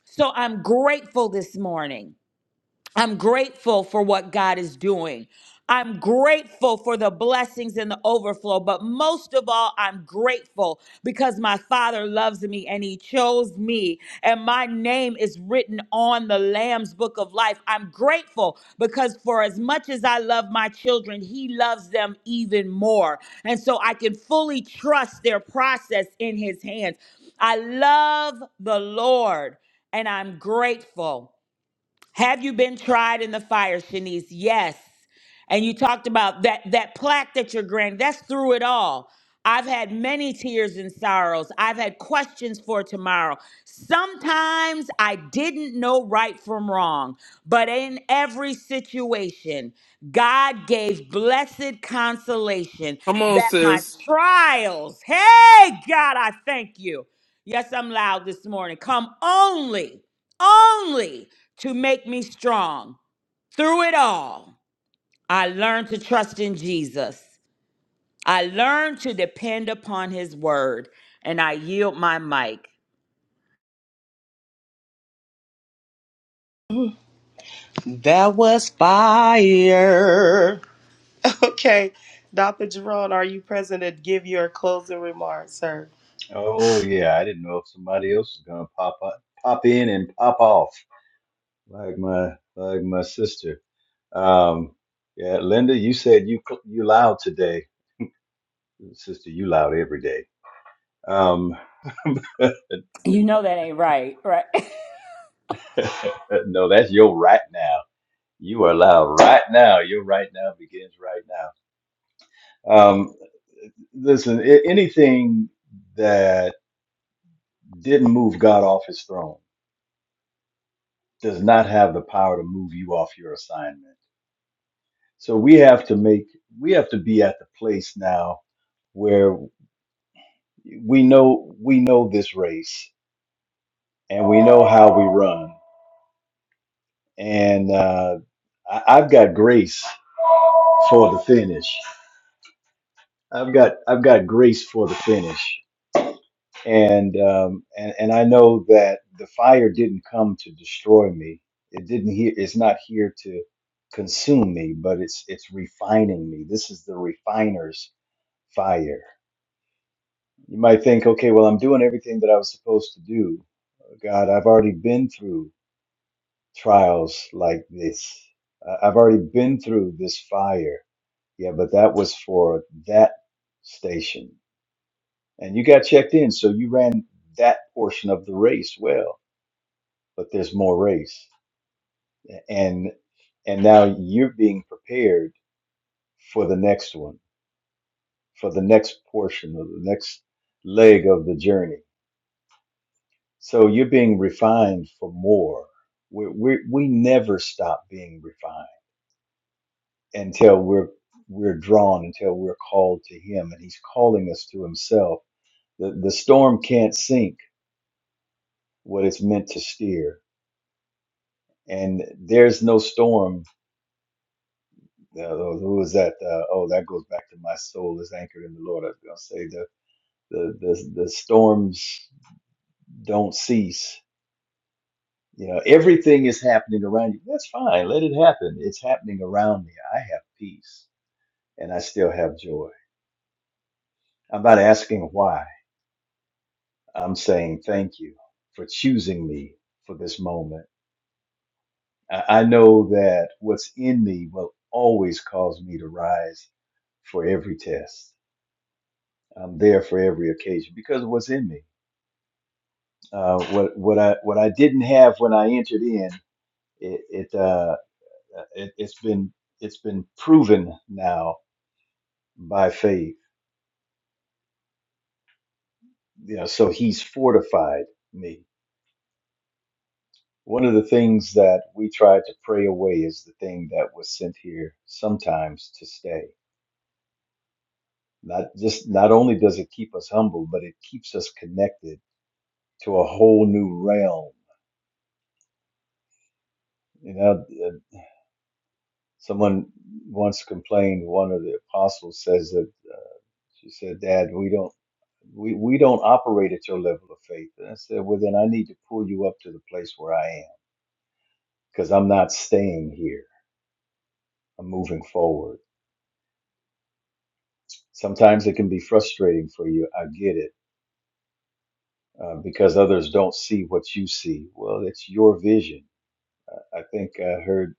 So I'm grateful this morning. I'm grateful for what God is doing. I'm grateful for the blessings and the overflow, but most of all, I'm grateful because my Father loves me and He chose me, and my name is written on the Lamb's Book of Life. I'm grateful because for as much as I love my children, He loves them even more. And so I can fully trust their process in His hands. I love the Lord and I'm grateful. Have you been tried in the fire, Shanice? Yes. And you talked about that that plaque that you're granted. That's through it all. I've had many tears and sorrows. I've had questions for tomorrow. Sometimes I didn't know right from wrong, but in every situation, God gave blessed consolation Come on, that my sis. trials, hey, God, I thank you. Yes, I'm loud this morning. Come only only to make me strong. Through it all, I learned to trust in Jesus. I learned to depend upon his word, and I yield my mic. That was fire. Okay. Dr. Jerome, are you present to give your closing remarks, sir? Oh yeah, I didn't know if somebody else was gonna pop up, pop in and pop off like my like my sister. Um, yeah, Linda, you said you cl- you loud today, sister. You loud every day. Um, You know that ain't right, right? no, that's your right now. You are loud right now. Your right now begins right now. Um, Listen, a- anything that didn't move God off his throne does not have the power to move you off your assignment. So we have to make we have to be at the place now where we know we know this race and we know how we run. And uh, I, I've got grace for the finish. I've got I've got grace for the finish. and um, and and I know that the fire didn't come to destroy me. It didn't here. It's not here to consume me, but it's it's refining me. This is the refiner's fire. You might think, okay, well, I'm doing everything that I was supposed to do. God, I've already been through trials like this. Uh, I've already been through this fire. Yeah, but that was for that station, and you got checked in, so you ran that portion of the race well but there's more race and and now you're being prepared for the next one for the next portion of the next leg of the journey so you're being refined for more we we, we never stop being refined until we're we're drawn until we're called to him and he's calling us to himself the, the storm can't sink what it's meant to steer and there's no storm Uh, who was that? Uh, oh, that goes back to my soul is anchored in the Lord. I was gonna say the the the, the storms don't cease. You know, everything is happening around you. That's fine. Let it happen. It's happening around me. I have peace and I still have joy. I'm not asking why. I'm saying thank you for choosing me for this moment. I, I know that what's in me will always cause me to rise for every test. I'm there for every occasion because of what's in me. Uh, what what I what I didn't have when I entered in it it, uh, it it's been it's been proven now by faith. You know, so He's fortified me. One of the things that we try to pray away is the thing that was sent here sometimes to stay. Not just not only does it keep us humble, but it keeps us connected to a whole new realm. You know, uh, someone once complained. One of the apostles says that. uh, She said, Dad, we don't we, we don't operate at your level of faith. And I said, Well then I need to pull you up to the place where I am. Because I'm not staying here. I'm moving forward. Sometimes it can be frustrating for you. I get it. Uh, because others don't see what you see. Well, it's your vision. I, I think I heard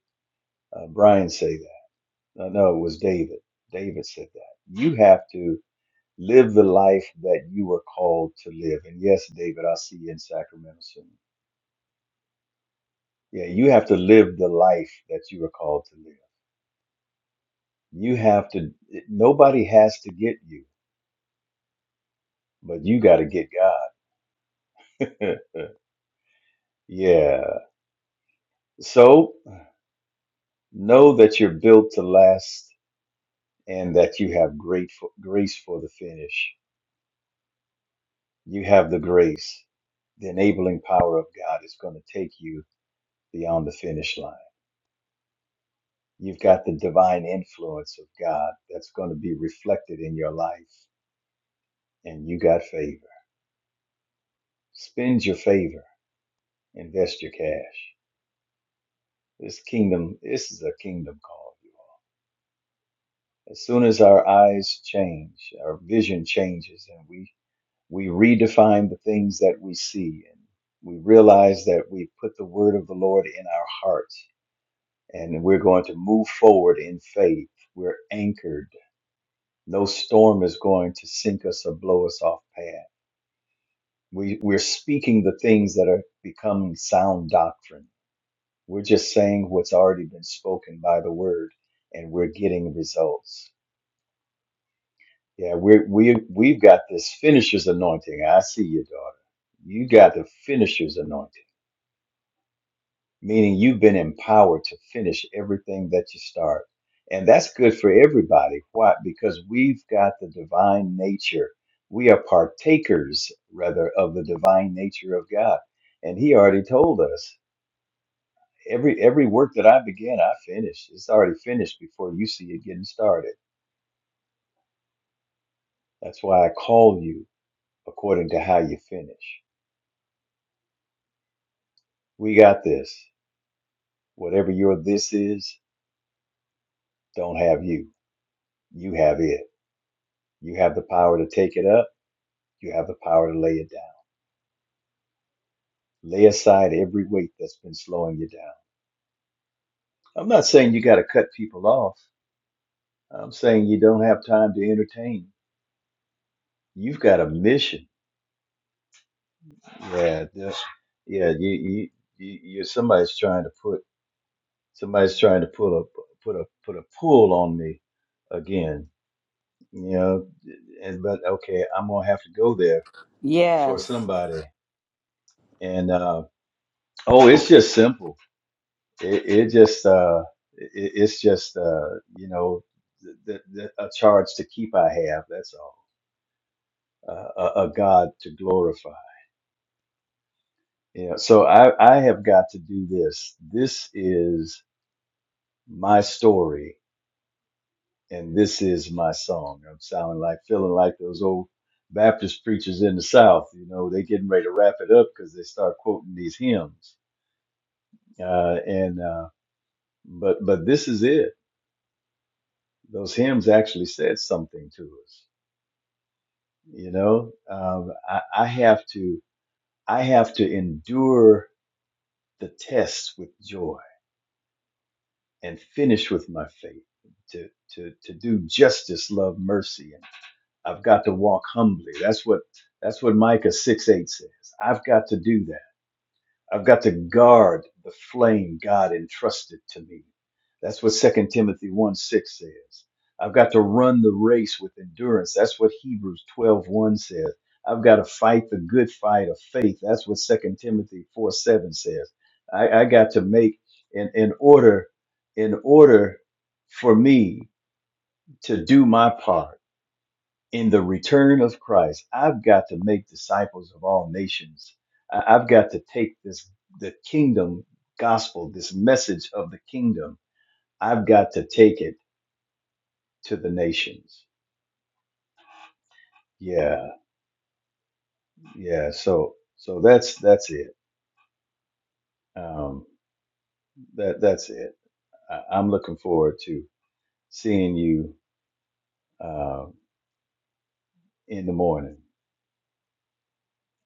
uh, Brian say that. No, no, it was David. David said that. You have to live the life that you were called to live. And yes, David, I'll see you in Sacramento soon. Yeah, you have to live the life that you were called to live. You have to, nobody has to get you, but you got to get God. yeah. So know that you're built to last and that you have great for, grace for the finish. You have the grace. The enabling power of God is going to take you beyond the finish line. You've got the divine influence of God that's going to be reflected in your life, and you got favor. Spend your favor Invest your cash. This kingdom, this is a kingdom call, you all. As soon as our eyes change, our vision changes, and we we redefine the things that we see, and we realize that we put the word of the Lord in our hearts, and we're going to move forward in faith. We're anchored. No storm is going to sink us or blow us off path. We, we're speaking the things that are becoming sound doctrine We're just saying what's already been spoken by the word, and we're getting results. Yeah, we're, we we've got this finisher's anointing. I see you, daughter. You got the finisher's anointing, meaning you've been empowered to finish everything that you start, and that's good for everybody. Why? Because we've got the divine nature. We are partakers, rather, of the divine nature of God, and He already told us. every every work that I began, I finish. It's already finished before you see it getting started. That's why I call you according to how you finish. We got this. Whatever your this is, don't have you. You have it. You have the power to take it up. You have the power to lay it down. Lay aside every weight that's been slowing you down. I'm not saying you got to cut people off. I'm saying you don't have time to entertain. You've got a mission. Yeah, this, yeah. You, you, you, you're somebody's trying to put. Somebody's trying to pull a put a put a pull on me again, you know. And but okay, I'm gonna have to go there for yes. somebody. And uh, oh, it's just simple. It, it just uh, it, it's just uh, you know the, the, a charge to keep. I have that's all. Uh, a, a God to glorify. You know, so I I have got to do this. This is my story and this is my song. I'm sounding like feeling like those old Baptist preachers in the South. You know, they getting ready to wrap it up because they start quoting these hymns. Uh, and uh, but but this is it. Those hymns actually said something to us. You know, um, I, I have to I have to endure the test with joy and finish with my faith to to to do justice, love, mercy, I've got to walk humbly. That's what that's what Micah 6 8 says. I've got to do that. I've got to guard the flame God entrusted to me. That's what Second Timothy 1 6 says. I've got to run the race with endurance. That's what Hebrews twelve one says. I've got to fight the good fight of faith. That's what Second Timothy 4 7 says. I, I got to make in, in order in order for me to do my part in the return of Christ, I've got to make disciples of all nations. I- I've got to take this the kingdom gospel, this message of the kingdom. I've got to take it to the nations. Yeah, yeah. So so that's that's it. Um, that that's it. I, I'm looking forward to seeing you uh, in the morning.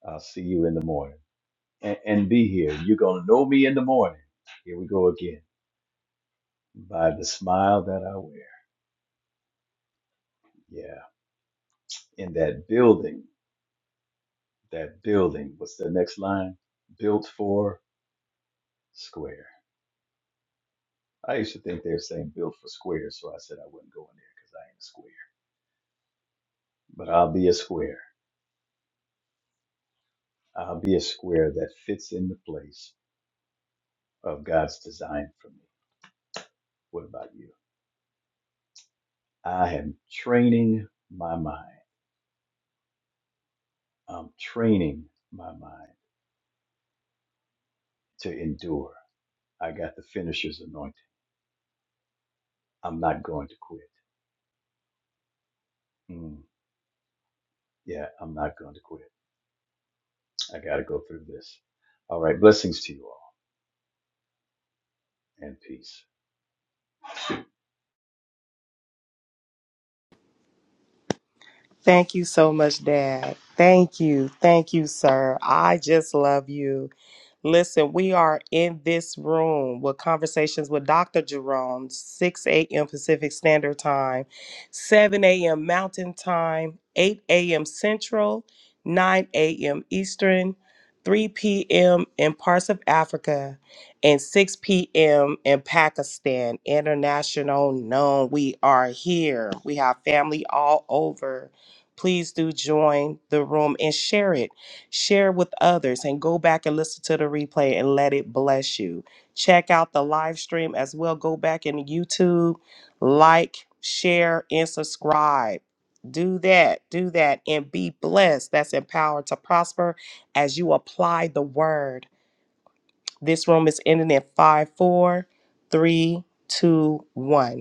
I'll see you in the morning and, and be here. You're gonna know me in the morning. Here we go again by the smile that I wear. Yeah. In that building, that building, what's the next line? Built for square. I used to think they were saying built for square, so I said I wouldn't go in there because I ain't a square. But I'll be a square. I'll be a square that fits in the place of God's design for me. What about you? I am training my mind. I'm training my mind to endure. I got the finisher's anointing. I'm not going to quit. Mm, yeah, I'm not going to quit. I got to go through this. All right. Blessings to you all and peace. Thank you so much, Dad. Thank you. Thank you, sir. I just love you. Listen, we are in this room with conversations with Dr. Jerome, 6 a.m. Pacific Standard Time, 7 a.m. Mountain Time, 8 a.m. Central, 9 a.m. Eastern, 3 p.m. in parts of Africa, and 6 p.m. in Pakistan. International known. We are here. We have family all over. Please do join the room and share it share with others, and go back and listen to the replay and let it bless you. Check out the live stream as well. Go back in YouTube, like, share, and subscribe. Do that, do that, and be blessed. That's empowered to prosper as you apply the word. This room is ending in five, four, three, two, one.